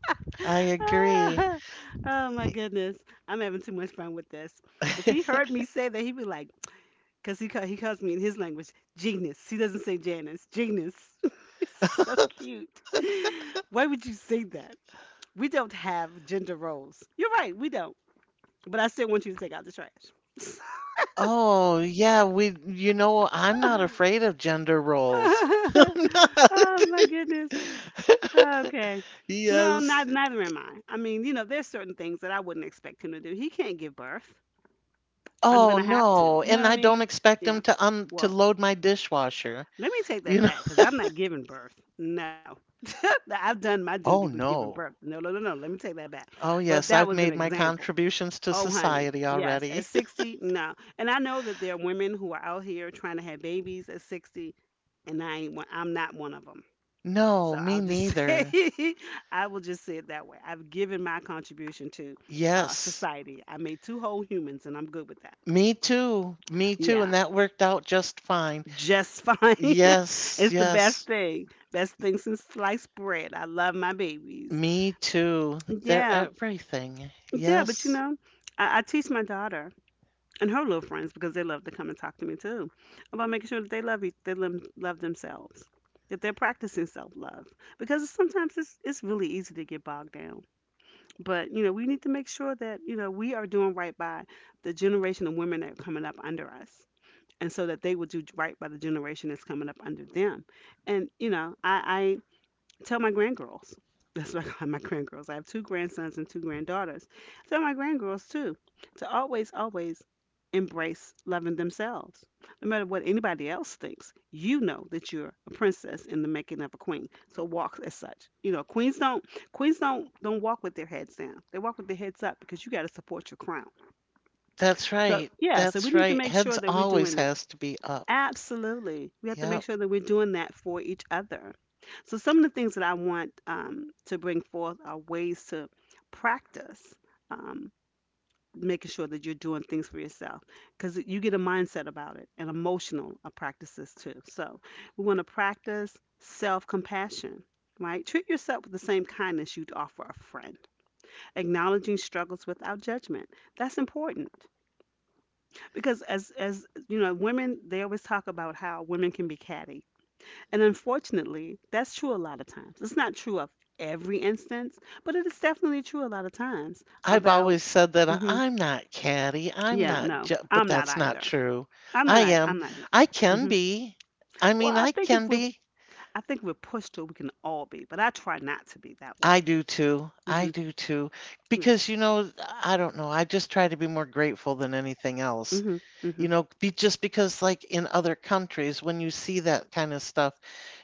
I agree.
ah, oh my goodness, I'm having too much fun with this. If he heard me say that, he'd be like, because he, he calls me in his language, Genius. He doesn't say Janice, Genius. it's so cute. Why would you say that? We don't have gender roles. You're right, we don't. But I still want you to take out the trash.
Oh, yeah, we, I'm not afraid of gender roles.
oh
I'm not.
my goodness. Okay. No, not
Yes.
neither am I. I mean, you know, there's certain things that I wouldn't expect him to do. He can't give birth. I'm
Oh,
gonna have to.
no.
You know
And
what I
I don't
mean?
expect
Yeah.
them to un to
Well,
load my dishwasher,
let me take that
you know.
back because I'm not giving birth. No. I've done my duty
Oh,
with giving birth.
no.
No, no, no, no. Let me take that back.
Oh,
But
yes,
that
I've
was an
made my
example.
contributions to
Oh, honey.
society
Yes. At
already.
60, no. And I know that there are women who are out here trying to have babies at 60, and I ain't, I'm not one of them.
No,
So
me
I'll just
neither.
say, I will just say it that way. I've given my contribution to
Yes,
society. I made two whole humans, and I'm good with that.
me too. Me too.
Yeah.
And that worked out just fine.
Just fine.
Yes,
it's the best
yes,
thing. Best thing since sliced bread. I love my babies.
me too. They're
Yeah,
everything.
yeah, but you
Yes,
know, I teach my daughter and her little friends because they love to come and talk to me too about making sure that they love each, love themselves, that they're practicing self love because sometimes it's really easy to get bogged down. But you know, we need to make sure that you know we are doing right by the generation of women that are coming up under us, and so that they will do right by the generation that's coming up under them. And you know, I tell my grandgirls. That's what I call my grandgirls. I have two grandsons and two granddaughters. I tell my grandgirls too to always, always embrace loving themselves. No matter what anybody else thinks, you know that you're a princess in the making of a queen. So walk as such. You know, queens don't walk with their heads down. They walk with their heads up because you got to support your crown.
that's
So
right.
yeah, so we
That's
need to
right.
make sure
Heads
that we're
always
doing that.
has to be up.
Absolutely. We have to make
Yep.
sure that we're doing that for each other. So, some of the things that I want to bring forth are ways to practice um, making sure that you're doing things for yourself because you get a mindset about it and emotional practices too. So, we want to practice self compassion, right? Treat yourself with the same kindness you'd offer a friend, acknowledging struggles without judgment. That's important because, as you know, women, they always talk about how women can be catty, and unfortunately, that's true a lot of times. It's not true of every instance, but it is definitely true a lot of times
I've
about.
always said that
Hmm.
I'm not catty. I'm
Yeah,
not,
no,
ju but
I'm not
that's not
either.
true.
I'm not.
I am.
I'm not
I
either.
can
Hmm.
be. I
Well,
mean,
I
I
think if
can
we're,
be.
I think we're pushed to, it, we can all be, but I try not to be that way.
I do too. I
Hmm.
do too.
Yeah.
Because, you know, I don't know. I just try to be more grateful than anything else.
Hmm. Hmm.
You know, be just because like in other countries when you see that kind of stuff,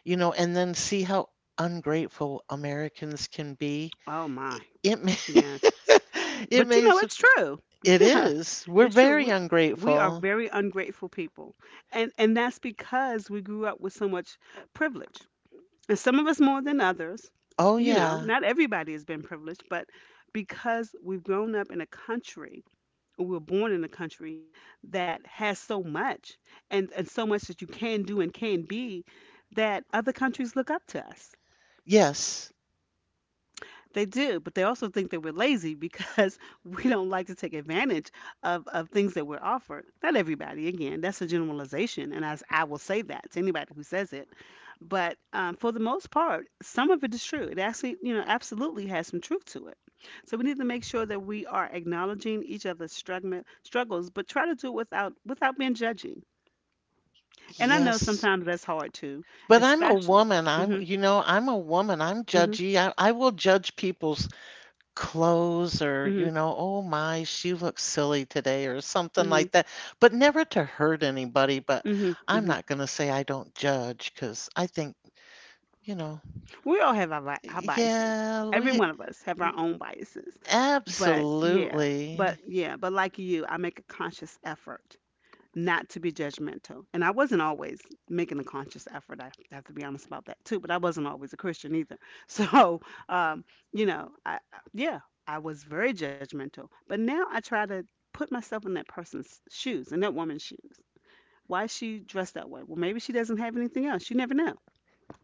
you know, and then see how ungrateful Americans can be.
Oh my.
It may,
Yes.
it
But
may,
you know, it's
it
true. Yeah,
is. We're
it's true.
very
We are
ungrateful.
very ungrateful people, and that's because we grew up with so much privilege, and some of us more than others.
Oh
You know,
yeah.
not everybody has been privileged, but because we've grown up in a country, or we were born in a country that has so much and, so much that you can do and can be, that other countries look up to us.
Yes.
They do, but they also think that we're lazy because we don't like to take advantage of, things that we're offered. Not everybody, again, that's a generalization, and I will say that to anybody who says it. But for the most part, some of it is true. It actually, you know, absolutely has some truth to it. So we need to make sure that we are acknowledging each other's struggles, but try to do it without being judging. And I know
Yes.
sometimes that's hard too,
But I'm a
especially.
woman. I'm,
Hmm.
you know, I'm a woman. I'm
Hmm.
judgy. I will judge people's clothes, or
Hmm.
you know, oh my, she looks silly today or something
Hmm.
like that, but never to hurt anybody. But
Hmm.
I'm
Hmm.
not going to say I don't judge, because I think, you know,
We all have our, our biases.
yeah,
Every
we
one of us have our own biases. But yeah, but
absolutely.
yeah, but like you, I make a conscious effort not to be judgmental. And I wasn't always making a conscious effort. I have to be honest about that too, but I wasn't always a Christian either. So, um, you know, yeah, I was very judgmental. But now I try to put myself in that person's shoes, in that woman's shoes. Why is she dressed that way? Well, maybe she doesn't have anything else. You never know.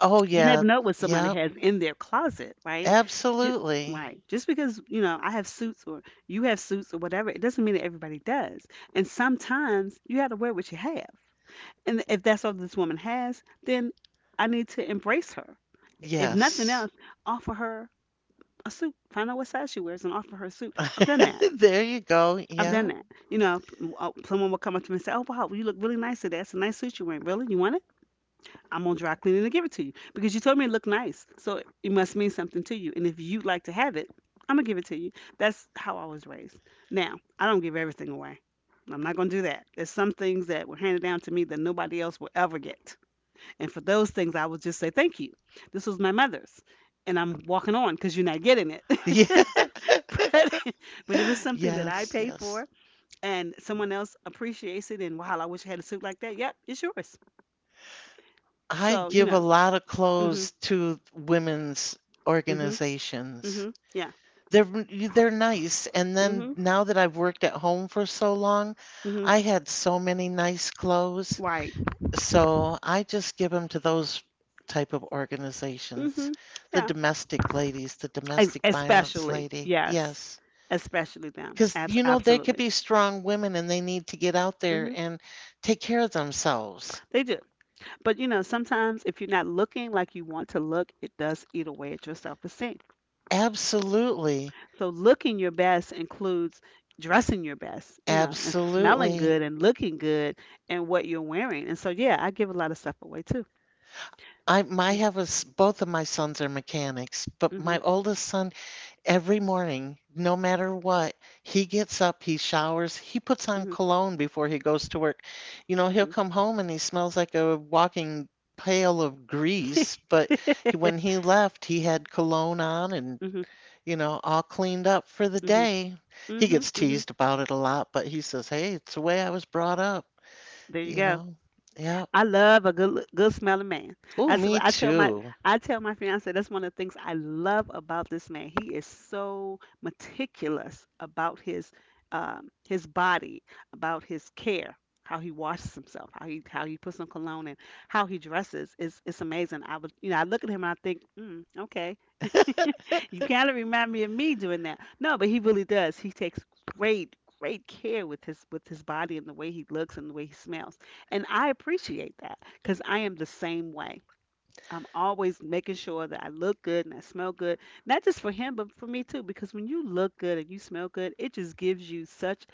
Oh
You
yeah.
never know what somebody
Yeah,
has in their closet, right? Ju-
absolutely.
right. Just because, you know, I have suits or you have suits or whatever, it doesn't mean that everybody does. And sometimes you have to wear what you have. And if that's all this woman has, then I need to embrace her. If nothing
Yes.
else, offer her a suit. Find out what size she wears and offer her a suit. I've done that.
There you go,
I've done
yeah.
that. You know, someone will come up to me and say, "Oh wow, you look really nice today. That's a nice suit you're wearing. Really, you want it? I'm gonna dry clean it and give it to you because you told me it looked nice. So it must mean something to you. And if you'd like to have it, I'm gonna give it to you. That's how I was raised. Now, I don't give everything away. I'm not gonna do that. There's some things that were handed down to me that nobody else will ever get. And for those things, I will just say thank you. This was my mother's, and I'm walking on because you're not getting it.
Yeah.
But if it's something that I
Yes,
paid
yes,
for and someone else appreciates it, and wow, I wish I had a suit like that. Yep, it's yours.
I
So you
give a
know.
lot of
Hmm.
clothes to women's
Hmm.
organizations.
Mhm. Yeah.
They're nice. And then
Mhm.
now that I've worked at home for so long,
Mhm.
I had so many nice clothes.
Right.
So I just give them to those type of organizations,
Mhm.
the
Yeah.
domestic ladies, the domestic violence
Especially
lady.
yes.
Yes.
Especially them.
Because, you know, they could
Absolutely.
be strong women and they need to get out there
Mhm.
and take care of themselves.
They do. But you know, sometimes if you're not looking like you want to look, it does eat away at your self-esteem.
Absolutely.
So looking your best includes dressing your best, you know, and smelling
Absolutely.
good and looking good and what you're wearing. And so yeah, I give a lot of stuff away too.
I, I
Mhm.
have a s both of my sons are mechanics, but my
Mhm.
oldest son every morning, no matter what, he gets up, he showers, he puts on
Mhm.
cologne before he goes to work. You know, he'll
Mhm.
come home and he smells like a walking pail of grease, but
Mhm.
when he left, he had cologne on and,
Mhm.
you know, all cleaned up for the day. He
Mhm.
gets
Mhm.
teased about it a lot, but he says, "Hey, it's the way I was brought up,"
There you
you
go.
know? Yeah.
I love a good smelling man.
Oh,
That's
me
what
too.
I tell my fiance that's one of the things I love about this man. He is so meticulous about his body, about his care, how he washes himself, how he puts on cologne and how he dresses. It's amazing. I would you know I look at him and I think, mm, okay. You kind of remind me of me doing that. No, but he really does. He takes great, great care with his body and the way he looks and the way he smells. And I appreciate that because I am the same way. I'm always making sure that I look good and I smell good, not just for him, but for me too. Because when you look good and you smell good, it just gives you such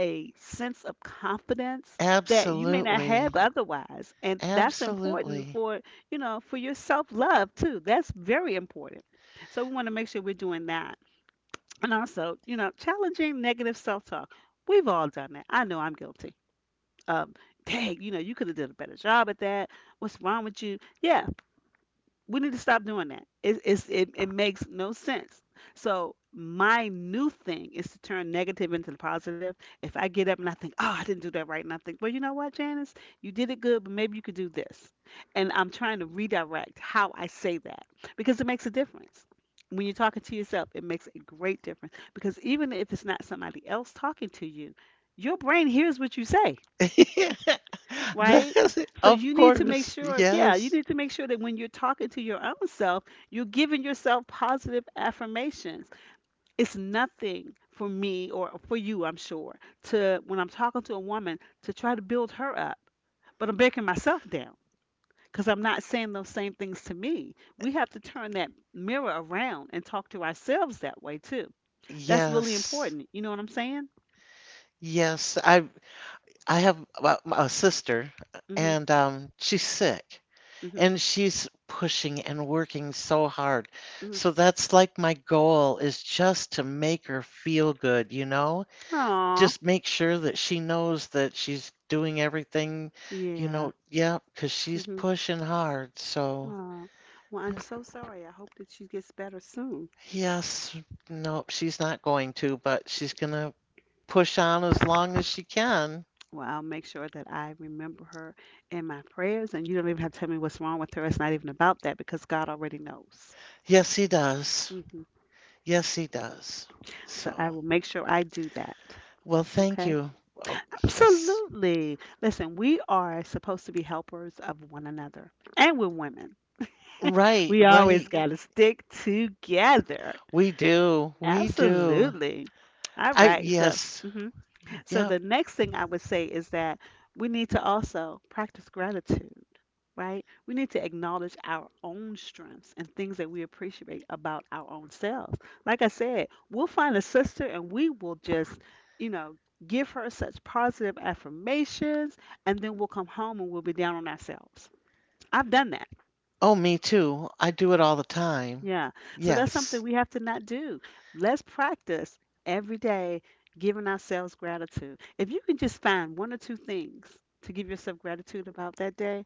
a sense of confidence that you may not have
Absolutely.
otherwise. And that's important
Absolutely.
for, you know, for your self-love too. That's very important. So we want to make sure we're doing that. And also, you know, challenging negative self-talk. We've all done that. I know I'm guilty. Um, dang, you know, you could have did a better job at that. What's wrong with you? Yeah, we need to stop doing that. It makes no sense. So, my new thing is to turn negative into the positive. If I get up and I think, oh, I didn't do that right, and I think, well, you know what, Janice, you did it good, but maybe you could do this. And I'm trying to redirect how I say that because it makes a difference. When you're talking to yourself, it makes a great difference because even if it's not somebody else talking to you, your brain hears what you say. Right?
That-
So
of
you need to make
course.
sure, yeah, you
Yes.
need to make sure that when you're talking to your own self, you're giving yourself positive affirmations. It's nothing for me or for you, I'm sure, to when I'm talking to a woman to try to build her up, but I'm breaking myself down because I'm not saying those same things to me. We have to turn that mirror around and talk to ourselves that way too. That's really
Yes.
important. You know what I'm saying?
Yes. I have a sister,
Mhm.
and she's sick
Mhm.
and she's pushing and working so hard.
Mhm.
So that's like my goal is just to make her feel good, you know?
Aw.
Just make sure that she knows that she's doing everything, you
Yeah.
know, yeah, 'cause she's
Mhm.
pushing hard. So,
Oh, well, I'm
yeah.
so sorry. I hope that she gets better soon.
Yes, nope, she's not going to, but she's gonna push on as long as she can.
Well, I'll make sure that I remember her in my prayers, and you don't even have to tell me what's wrong with her. It's not even about that because God already knows.
Yes, he does.
hmm
Yes, he does.
So I
So,
will make sure I do that.
well, thank
Okay.
you. Oh, yes.
Absolutely. Listen, we are supposed to be helpers of one another, and we're women.
Right,
We always
right.
got to stick together.
We do. We do.
Absolutely. All
I,
right.
yes.
Mhm. So
Yep.
the next thing I would say is that we need to also practice gratitude, right? We need to acknowledge our own strengths and things that we appreciate about our own selves. Like I said, we'll find a sister and we will just, you know, give her such positive affirmations and then we'll come home and we'll be down on ourselves. I've done that.
Oh, me too. I do it all the time.
Yeah. So that's something
Yes.
we have to not do. Let's practice every day giving ourselves gratitude. If you can just find one or two things to give yourself gratitude about that day,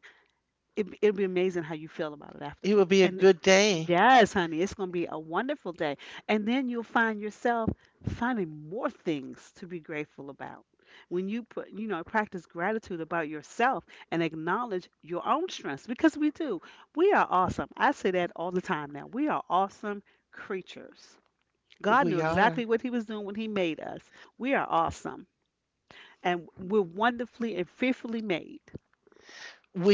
it'll be amazing how you feel about it
It
afterward.
would be a
And
good day.
Yes, honey, it's going to be a wonderful day. And then you'll find yourself finding more things to be grateful about. When you put practice gratitude about yourself and acknowledge your own strengths because we do. We are awesome. I say that all the time now. We are awesome creatures. God knew
We are.
exactly what he was doing when he made us. We are awesome and we're wonderfully and fearfully made.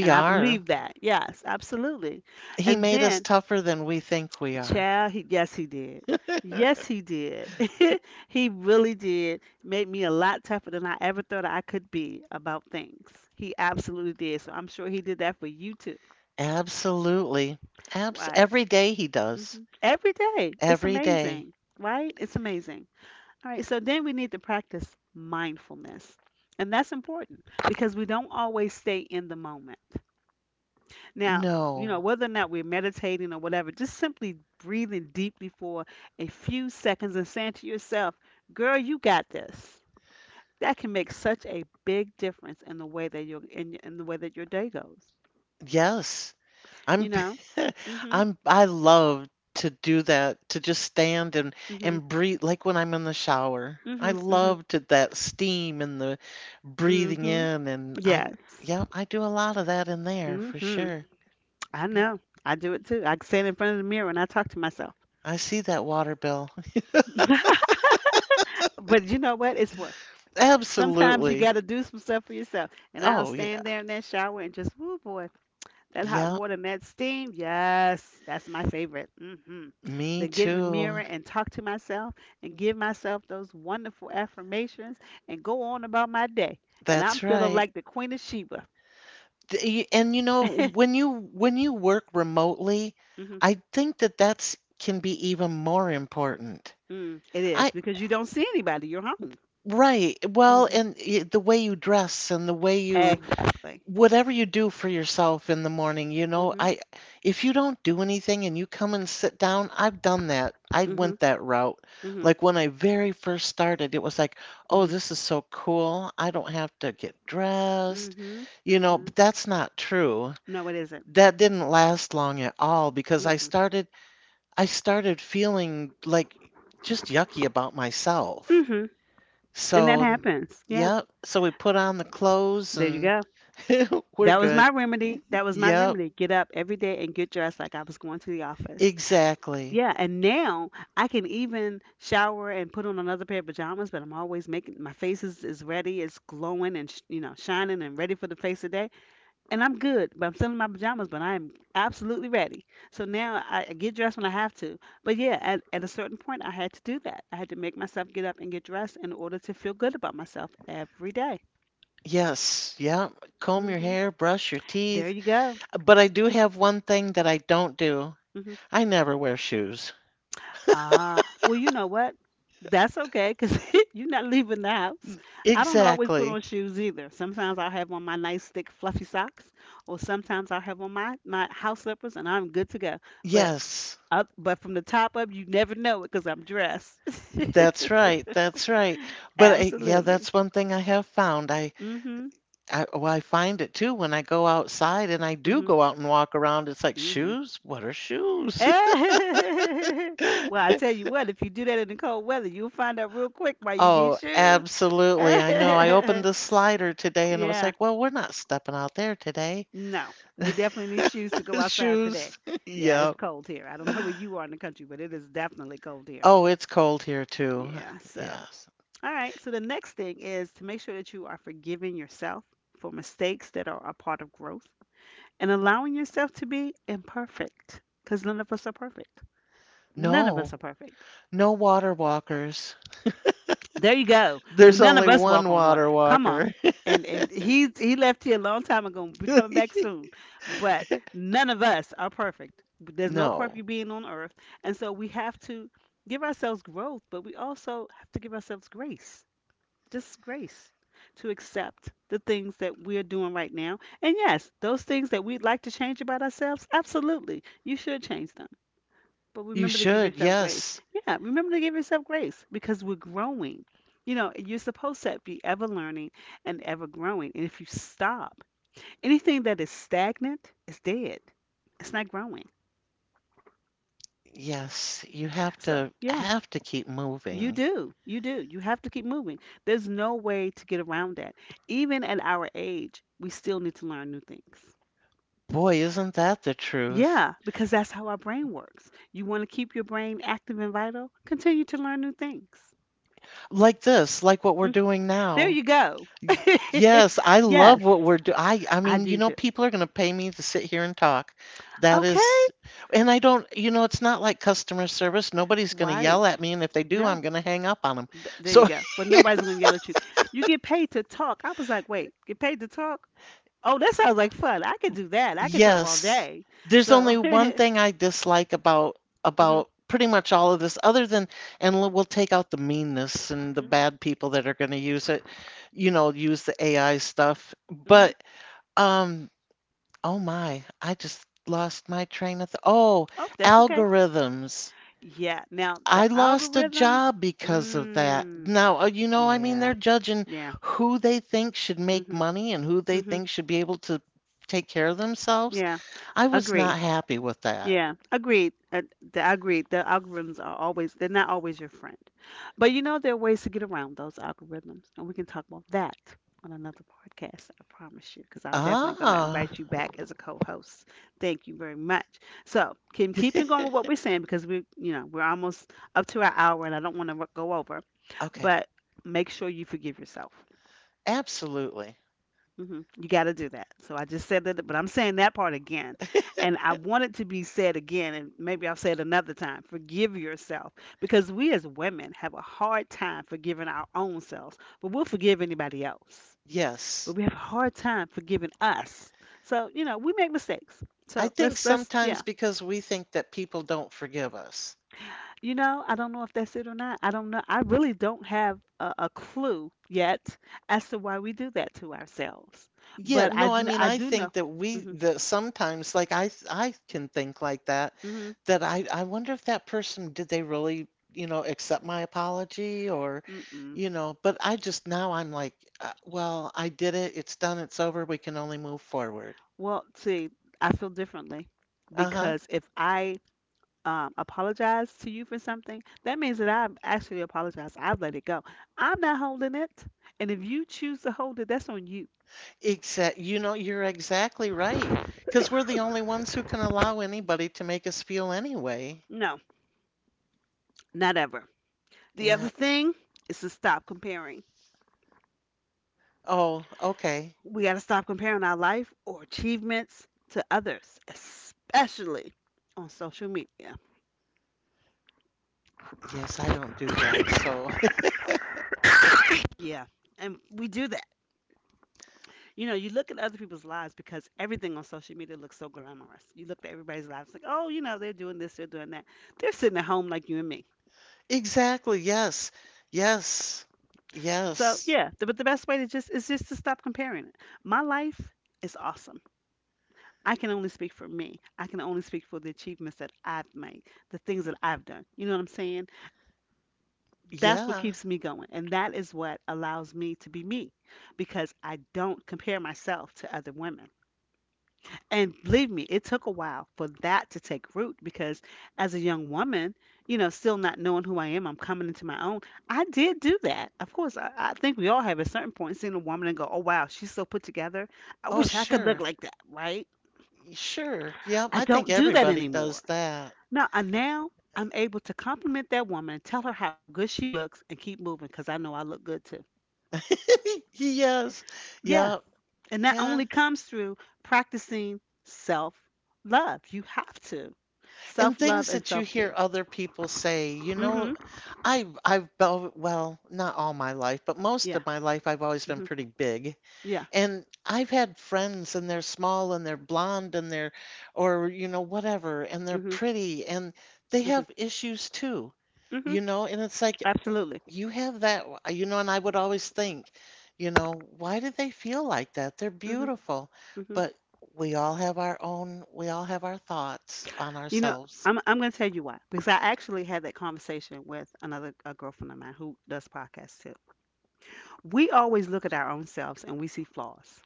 And I
are.
believe that. Yes, absolutely.
He
And
made us
then
tougher than we think we are.
Child, he, yes, he did. Yes, he did. He really did. Made me a lot tougher than I ever thought I could be about things. He absolutely did. So I'm sure he did that for you too.
Absolutely. Abs
Right.
every day he does.
Hmm. Every day. It's
Every day.
amazing. Right? It's amazing. All right. So then we need to practice mindfulness. And that's important because we don't always stay in the moment. Now, you know,
No.
whether or not we're meditating or whatever, just simply breathing deeply for a few seconds and saying to yourself, "Girl, you got this." That can make such a big difference in the way that you're in the way that your day goes.
Yes. I'm
You know? Mhm.
I love to do that, to just stand
Mhm.
and breathe like when I'm in the shower. I
Mhm. Mhm.
love to that steam and the breathing
Mhm.
in and I,
Yes.
yeah, I do a lot of that in there for
Mhm.
sure.
I know. I do it too. I stand in front of the mirror and I talk to myself.
I see that water bill.
But you know what? It's worth. Sometimes you
Absolutely.
got to do some stuff for yourself. And I'll
Oh yeah.
stand there in that shower and just, woo boy, that hot
Yeah,
water and that steam. Yes, that's my favorite. Hmm.
me
Then get in the mirror
too.
and talk to myself and give myself those wonderful affirmations and go on about my day. And I'm
That's
feeling
right.
like the Queen of Sheba.
And you know, when you work remotely,
Hmm.
I think that that's can be even more important.
Mm, it is
I
because you don't see anybody. You're home.
right. Well,
Hmm.
and the way you dress and the way you,
Exactly.
whatever you do for yourself in the morning, you know,
Hmm.
I, if you don't do anything and you come and sit down, I've done that. I
Hmm.
went that route.
Hmm.
Like when I very first started, it was like, "Oh,
Hmm.
this is so cool. I don't have to get dressed."
Hmm.
You know,
Hmm.
but that's not true.
No, it isn't.
That didn't last long at all because
Mm-mm.
I started feeling like just yucky about myself.
Mhm. And that
So,
happens. Yeah.
yep. So we put on the clothes,
There you
and
go.
we're
That was
good.
my remedy. That was my
Yep.
remedy. Get up every day and get dressed like I was going to the office.
Exactly.
Yeah. And now I can even shower and put on another pair of pajamas, but I'm always making my face is ready. It's glowing and, sh- you know, shining and ready for the face of day. And I'm good, but I'm still in my pajamas, but I am absolutely ready. So now I get dressed when I have to. But yeah, at a certain point, I had to do that. I had to make myself get up and get dressed in order to feel good about myself every day.
Yes. Yep. Comb your
Hmm.
hair, brush your
There
teeth.
you go.
But I do have one thing that I don't do.
Hmm.
I never wear shoes.
Ah, well, you know what? That's okay because you're not leaving the house. I don't always put
Exactly.
on shoes either. Sometimes I'll have on my nice thick fluffy socks, or sometimes I'll have on my house slippers, and I'm good to go. But
Yes.
from the top up, you never know it because I'm dressed.
That's right. That's right. But I, yeah,
Absolutely.
that's one thing I have found. I
Mm. Mhm.
I, well, I find it too when I go outside and I do
Mm.
go out and walk around. It's like,
Mhm. Mm. Mhm.
shoes? What are shoes?
Well, I tell you what, if you do that in the cold weather, you'll find out real quick why you need
Oh,
shoes.
absolutely. I know. I opened the slider today and it was
Yeah.
like, well, we're not stepping out there today.
No, we definitely need shoes to go outside today.
Shoes.
Yeah, it's
Yep.
cold here. I don't know where you are in the country, but it is definitely cold here.
Oh, it's cold here too.
Yeah, so,
Yes.
all right. So, the next thing is to make sure that you are forgiving yourself for mistakes that are a part of growth and allowing yourself to be imperfect because none of us are perfect. None of us
No,
are perfect.
no water walkers.
There you go. Well,
There's
none of
only
us walk
one
on water.
water
Come on.
walker.
And he left here a long time ago. Be coming back soon. But none of us are perfect. There's no
No.
perfect being on earth, and so we have to give ourselves growth, but we also have to give ourselves grace, just grace, to accept the things that we're doing right now. And yes, those things that we'd like to change about ourselves, absolutely, you should change them. But
You
remember to give
should,
yourself grace.
yes.
Yeah, remember to give yourself grace because we're growing. You know, you're supposed to be ever learning and ever growing. And if you stop, anything that is stagnant is dead. It's not growing.
Yes, you
So, yeah,
have to keep
you
moving.
do. You do. You have to keep moving. There's no way to get around that. Even at our age, we still need to learn new things.
Boy, isn't that the truth?
Yeah, because that's how our brain works. You want to keep your brain active and vital? Continue to learn new things.
Like this, like what we're doing
There
now.
you go.
Y- Yes, I love
Yes,
what we're doing. I
I
mean, you
do
know,
too.
people are going to pay me to sit here and talk. That
Okay,
is, and I don't, you know, it's not like customer service. Nobody's going to
right.
yell at me, and if they do, I'm
No,
going to hang up on them.
there you
So
go. But nobody's gonna yell at you. You get paid to talk. I was like, wait, get paid to talk? Oh, that sounds like fun. I could do that. I could talk all
yes.
day.
There's only one
Mhm,
thing I dislike about pretty much all of this, other than, and we'll take out the meanness and the
mhm,
bad people that are going to use it, you know, use the AI stuff.
mhm.
But um, oh my, I just lost my train of th oh,
Oh, that's okay.
algorithms.
Yeah. Now the
I lost a
algorithms.
job because of that.
Mm,
Now, you know, I mean,
yeah,
they're judging
yeah.
who they think should make
Mhm,
money and who they
mhm.
think should be able to take care of themselves.
Yeah.
I was not
Agreed.
happy with that.
Yeah, agreed. The agreed. The algorithms are always they're not always your friend, but you know there are ways to get around those algorithms, and we can talk about that on another podcast. I promise you, because I'm definitely going to
Ah,
invite you back as a co-host. Thank you very much. So, Kim, keep on going with what we're saying because we're almost up to our hour, and I don't want to go over.
okay.
But make sure you forgive yourself.
Absolutely.
You got to do that. So I just said that, but I'm saying that part again. And I want it to be said again, and maybe I'll say it another time. Forgive yourself because we as women have a hard time forgiving our own selves, but we'll forgive anybody else.
Yes.
But we have a hard time forgiving us. So, we make mistakes.
I
So
think
let's,
sometimes
yeah.
because we think that people don't forgive us.
You know, I don't know if that's it or not. I don't know. I really don't have a clue yet as to why we do that to ourselves.
Yeah,
But
no, I mean,
I
I
do know.
think that we
Hmm.
that sometimes like I can think like that, that I wonder if that person did they really, you know, accept my apology or
Mm-mm.
you know, but I just now I'm like, well, I did it. It's done. It's over. We can only move forward.
Well, see, I feel differently
Uh-huh.
because if I apologize to you for something, that means that I've actually apologized. I've let it go. I'm not holding it. And if you choose to hold it, that's on you.
Exact, you know, you're exactly right. Because we're the only ones who can allow anybody to make us feel anyway.
No, not ever. The other
Yeah.
thing is to stop comparing.
Oh, okay.
We got to stop comparing our life or achievements to others, especially on social media.
Yes, I don't do that. So,
Yeah. And we do that. You know, you look at other people's lives because everything on social media looks so glamorous. You look at everybody's lives like, oh, they're doing this, they're doing that. They're sitting at home like you and me.
exactly. Yes. Yes.
So
Yes.
yeah, but the best way to just is just to stop comparing it. My life is awesome. I can only speak for me. I can only speak for the achievements that I've made, the things that I've done. You know what I'm saying? That's what
Yeah.
keeps me going, and that is what allows me to be me, because I don't compare myself to other women. And believe me, it took a while for that to take root because as a young woman, you know, still not knowing who I am, I'm coming into my own. I did do that. Of course, I think we all have at certain point seen a woman and go, oh, wow, she's so put together. I
Oh,
wish I could look
sure.
like that, right?
Sure. Yep.
I
I think
don't do that
everybody does
anymore.
that.
No, I now I'm able to compliment that woman and tell her how good she looks and keep moving because I know I look good too.
Yes.
Yeah.
Yep.
And that
Yeah.
only comes through practicing self love. You have to.
And
Self love
things
and
that you
self
hear
care.
other people say, you know,
Hmm
well, not all my life, but most
Yeah.
of my life I've always been
hmm
pretty big.
Yeah.
And I've had friends and they're small and they're blonde and they're, or you know whatever, and they're
hmm
pretty, and they have
hmm
issues too.
hmm
You know, and it's like
Absolutely.
you have that, you know, and I would always think, you know, why do they feel like that? They're
Hmm hmm
beautiful. But we all have our own, we all have our thoughts on
You know,
ourselves.
I'm gonna tell you why because I actually had that conversation with another a girlfriend of mine who does podcasts too. We always look at our own selves and we see flaws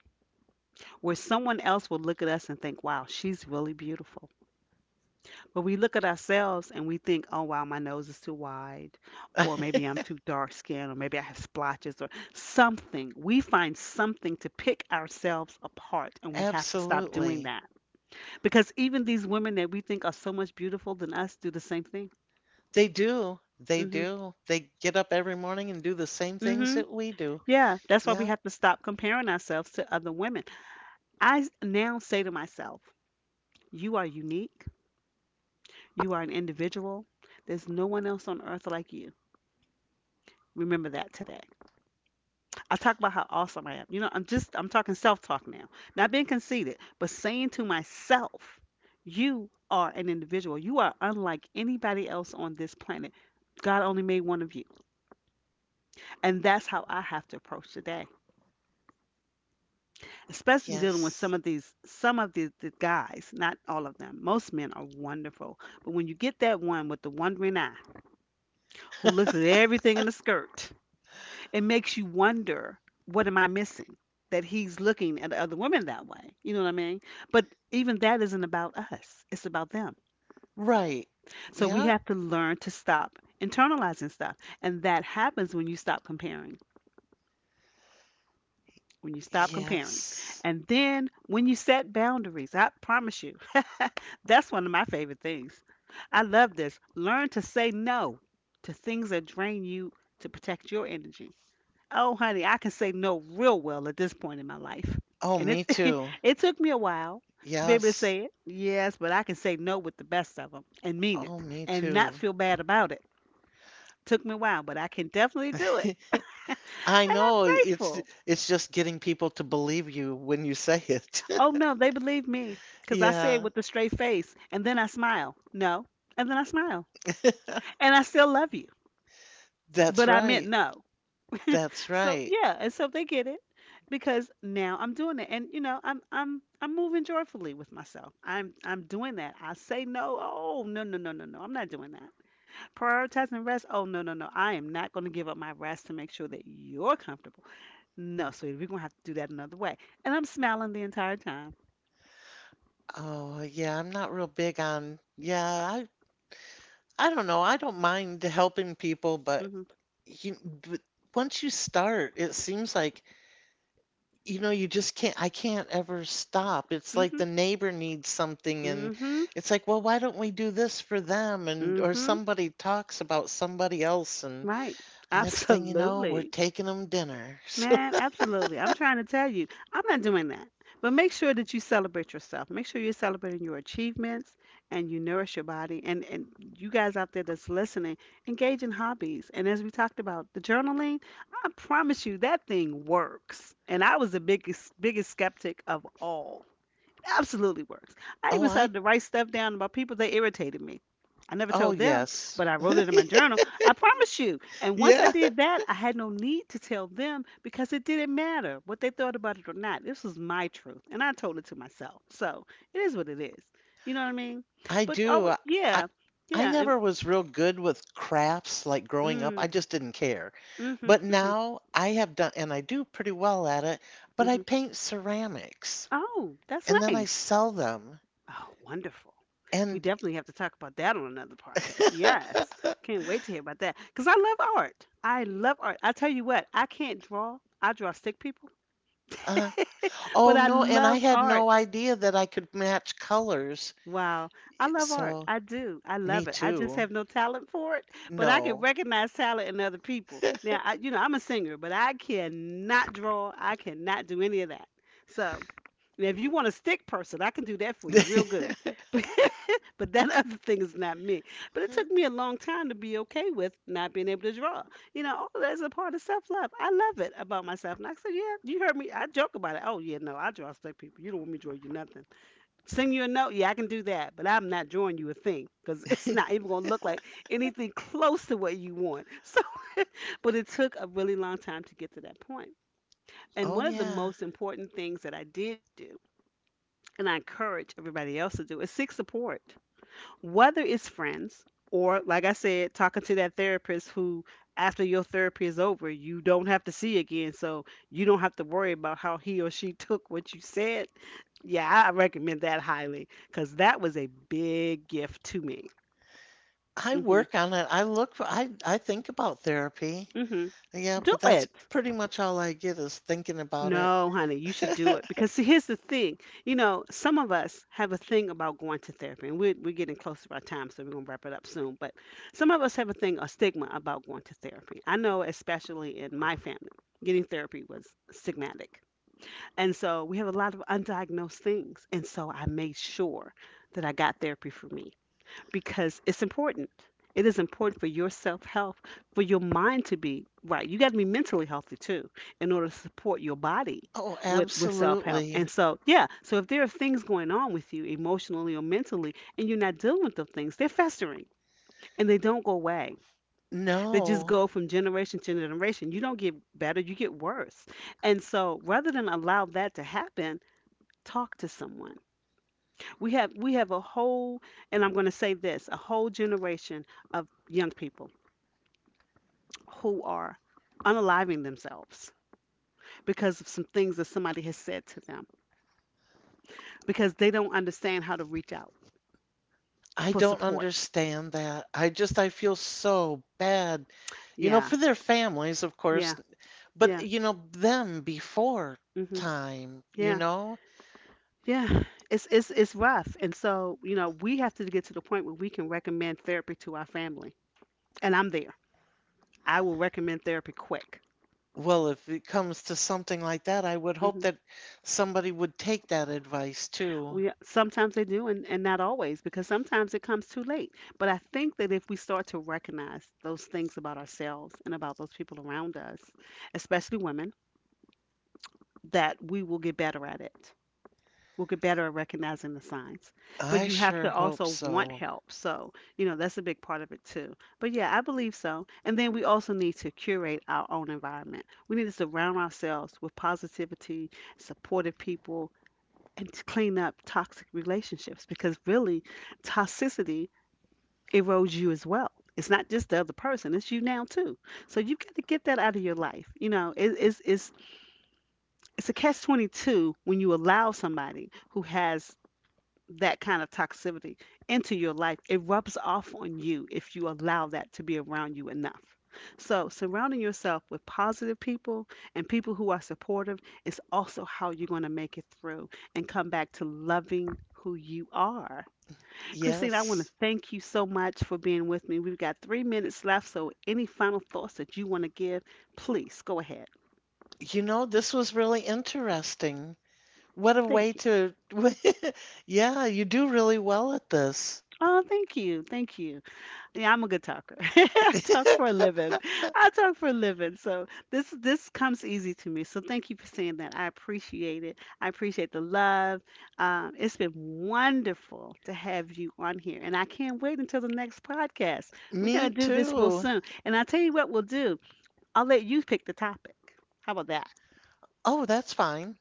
where someone else will look at us and think, "Wow, she's really beautiful." But we look at ourselves and we think, oh, wow, my nose is too wide, or maybe I'm too dark skinned, or maybe I have splotches, or something. We find something to pick ourselves apart, and we have to stop doing
Absolutely.
that. Because even these women that we think are so much beautiful than us do the same thing.
They do. They
Hmm
do. They get up every morning and do the same things
hmm
that we do.
Yeah, that's why we
Yep.
have to stop comparing ourselves to other women. Now say to myself, you are unique, you are an individual, there's no one else on earth like you. Remember that today. I talk about how awesome I am. You know, I'm talking self-talk now. Not being conceited, but saying to myself, you are an individual. You are unlike anybody else on this planet. God only made one of you. And that's how I have to approach today. Especially dealing with
Yes.
some of the guys, not all of them. Most men are wonderful. But when you get that one with the wondering eye who looks at everything in the skirt, it makes you wonder, what am I missing that he's looking at other women that way? You know what I mean? But even that isn't about us, it's about them.
Right.
So we
Yep.
have to learn to stop internalizing stuff, and that happens when you stop comparing, when you stop comparing.
Yes.
And then when you set boundaries, I promise you, that's one of my favorite things. I love this. Learn to say no to things that drain you, to protect your energy. Oh, honey, I can say no real well at this point in my life.
Oh,
And it
me too.
it took me a while to be able to
Yes.
say it. Yes, but I can say no with the best of them and mean it
Oh, me
and not
too.
feel bad about it. Took me a while, but I can definitely do it. And
I
I'm
know
grateful.
it's just getting people to believe you when you say it.
Oh no, they believe me cuz I say it
Yeah.
with a straight face and then I smile. No. And then I smile. And I still love you,
That's
but I meant
right.
no.
That's
So
right.
yeah, and so they get it because now I'm doing it, and you know I'm moving joyfully with myself. I'm doing that. I say no. Oh no, no, no, no, no. I'm not doing that. Prioritizing rest. Oh no, no, no. I am not going to give up my rest to make sure that you're comfortable. No, sweetie, we're gonna have to do that another way. And I'm smiling the entire time.
Oh, yeah, I'm not real big on, yeah, I don't know. I don't mind helping people, but
Mhm.
you, but once you start, it seems like, you know, you just can't, I can't ever stop. It's like
mhm
the neighbor needs something, and
mhm
it's like, well, why don't we do this for them? And, or
mhm.
somebody talks about somebody else, and
Right.
next thing you know, we're
Absolutely.
taking them dinner. So,
Man, absolutely. I'm trying to tell you, I'm not doing that. But make sure that you celebrate yourself. Make sure you're celebrating your achievements and you nourish your body. And you guys out there that's listening, engage in hobbies. And as we talked about the journaling, I promise you that thing works. And I was the biggest skeptic of all. Absolutely works. I
oh,
even
I,
started to write stuff down about people that irritated me. I never
oh,
told them,
yes.
but I wrote it in my journal. I promise you. And once I
Yeah.
did that, I had no need to tell them because it didn't matter what they thought about it or not. This was my truth, and I told it to myself. So it is what it is. You know what I mean?
I
But
do.
oh,
I
yeah,
I
yeah, and
never was real good with crafts like growing up. I
mm,
just didn't care.
mhm,
But
mhm,
now I have done and I do pretty well at it, but I
mhm.
paint ceramics
Oh, that's
and then I
nice.
sell them
Oh, wonderful. We
and
definitely have to talk about that on another podcast. Yes. Can't wait to hear about that. Because I love art. I love art. I tell you what, I can't draw. I draw stick people,
uh, oh
but I
no, and I
love
had no
art.
idea that I could match colors.
Wow. I love art.
So,
I do. I
me
love it. I just
too.
have no talent for it, but I can
No.
recognize talent in other people. Now, you know, I'm a singer, but I cannot draw. I cannot do any of that. So now, if you want a stick person, I can do that for you real good. But, that other thing is not me. But it took me a long time to be okay with not being able to draw. You know, all of that is a part of self love. I love it about myself. And I said, yeah, you heard me. I joke about it. Oh, yeah, no, I draw stick people. You don't want me to draw you nothing. Sing you a note. Yeah, I can do that. But I'm not drawing you a thing because it's not even going to look like anything close to what you want. So, but it took a really long time to get to that point. And
Oh
one of the
yeah.
most important things that I did do and I encourage everybody else to do is seek support, whether it's friends or, like I said, talking to that therapist who, after your therapy is over, you don't have to see again. So you don't have to worry about how he or she took what you said. Yeah, I recommend that highly because that was a big gift to me.
I
Hmm
work on it. I look for, I think about therapy.
hmm
Yeah,
Do
but that's
it.
pretty much all I get is thinking about it.
No, honey, you should do it because see, here's the thing. You know, some of us have a thing about going to therapy, and we're getting close to our time, so we're gonna wrap it up soon. But some of us have a thing, a stigma about going to therapy. I know, especially in my family, getting therapy was stigmatic, and so we have a lot of undiagnosed things. And so I made sure that I got therapy for me because it's important. It is important for your self health, for your mind to be right. You got to be mentally healthy too in order to support your body
Oh,
with, self help. And
absolutely.
so, yeah, so if there are things going on with you emotionally or mentally and you're not dealing with those things, they're festering and they don't go away. They just
No,
go from generation to generation. You don't get better, you get worse. And so, rather than allow that to happen, talk to someone. We have a whole, and I'm going to say this, a whole generation of young people who are unaliving themselves because of some things that somebody has said to them because they don't understand how to reach out
I
for
don't
support.
understand that. I just, I feel so bad, you know,
Yeah,
for their families, of course,
yeah,
but,
yeah,
you know, them before
hmm
time, you
yeah,
know?
yeah. It's it's rough, and so you know we have to get to the point where we can recommend therapy to our family, and I'm there. I will recommend therapy quick.
Well, if it comes to something like that, I would hope
Mm-hmm.
that somebody would take that advice too.
We sometimes they do, and not always because sometimes it comes too late. But I think that if we start to recognize those things about ourselves and about those people around us, especially women, that we will get better at it. We'll get better at recognizing the signs. But
I
you have
sure
to
hope
also want
so.
help. So, you know, that's a big part of it too. But yeah, I believe so. And then we also need to curate our own environment. We need to surround ourselves with positivity, supportive people, and to clean up toxic relationships because really toxicity erodes you as well. It's not just the other person, it's you now too. So you've got to get that out of your life. You know, it's a catch 22 when you allow somebody who has that kind of toxicity into your life, it rubs off on you if you allow that to be around you enough. So, surrounding yourself with positive people and people who are supportive is also how you're going to make it through and come back to loving who you are. Christine, I want to
Yes.
thank you so much for being with me. We've got 3 minutes left, so any final thoughts that you want to give, please go ahead.
You know, this was really interesting. What a way
Thank you.
to, yeah, you do really well at this.
Oh, thank you. Thank you. Yeah, I'm a good talker. I talk for a living. I talk for a living. So this comes easy to me. So thank you for saying that. I appreciate it. I appreciate the love. It's been wonderful to have you on here, and I can't wait until the next podcast. We're gonna
Me
do this real
too.
soon. And I'll tell you what we'll do. I'll let you pick the topic. How about that?
Oh, that's fine.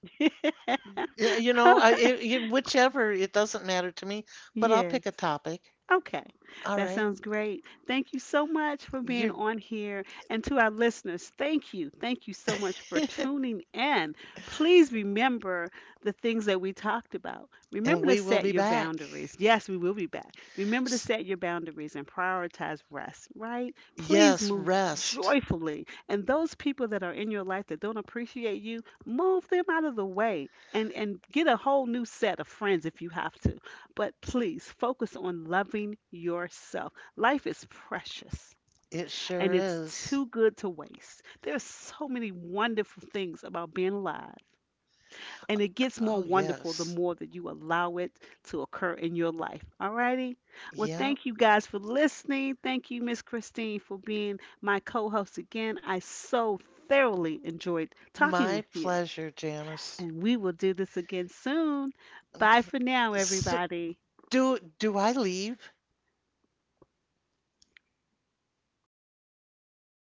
Yeah, you know,
All
I, whichever, it doesn't matter to me, but I'll
yes.
pick a topic.
Okay,
All
that
right.
sounds great. Thank you so much for being
You,
on here. And to our listeners, thank you. Thank you so much for tuning in. Please remember the things that we talked about.
and
Remember to
we will
set
be
your
back.
boundaries. Yes, we will be back. Remember to
S-
set your boundaries and prioritize rest, right? Please
Yes,
move
rest.
joyfully. And those people that are in your life that don't appreciate you, move them out of the way and get a whole new set of friends if you have to, but please focus on loving yourself. Life is precious
It sure
and it's
is.
too good to waste. There are so many wonderful things about being alive, and it gets
Oh,
more wonderful the
yes.
more that you allow it to occur in your life. All righty. Well,
Yeah.
thank you guys for listening. Thank you, Miss Christine, for being my co host again. I so thoroughly enjoyed talking
My
with you,
pleasure, Janice.
and we will do this again soon. Bye
Okay.
for now,
So,
everybody.
do I leave?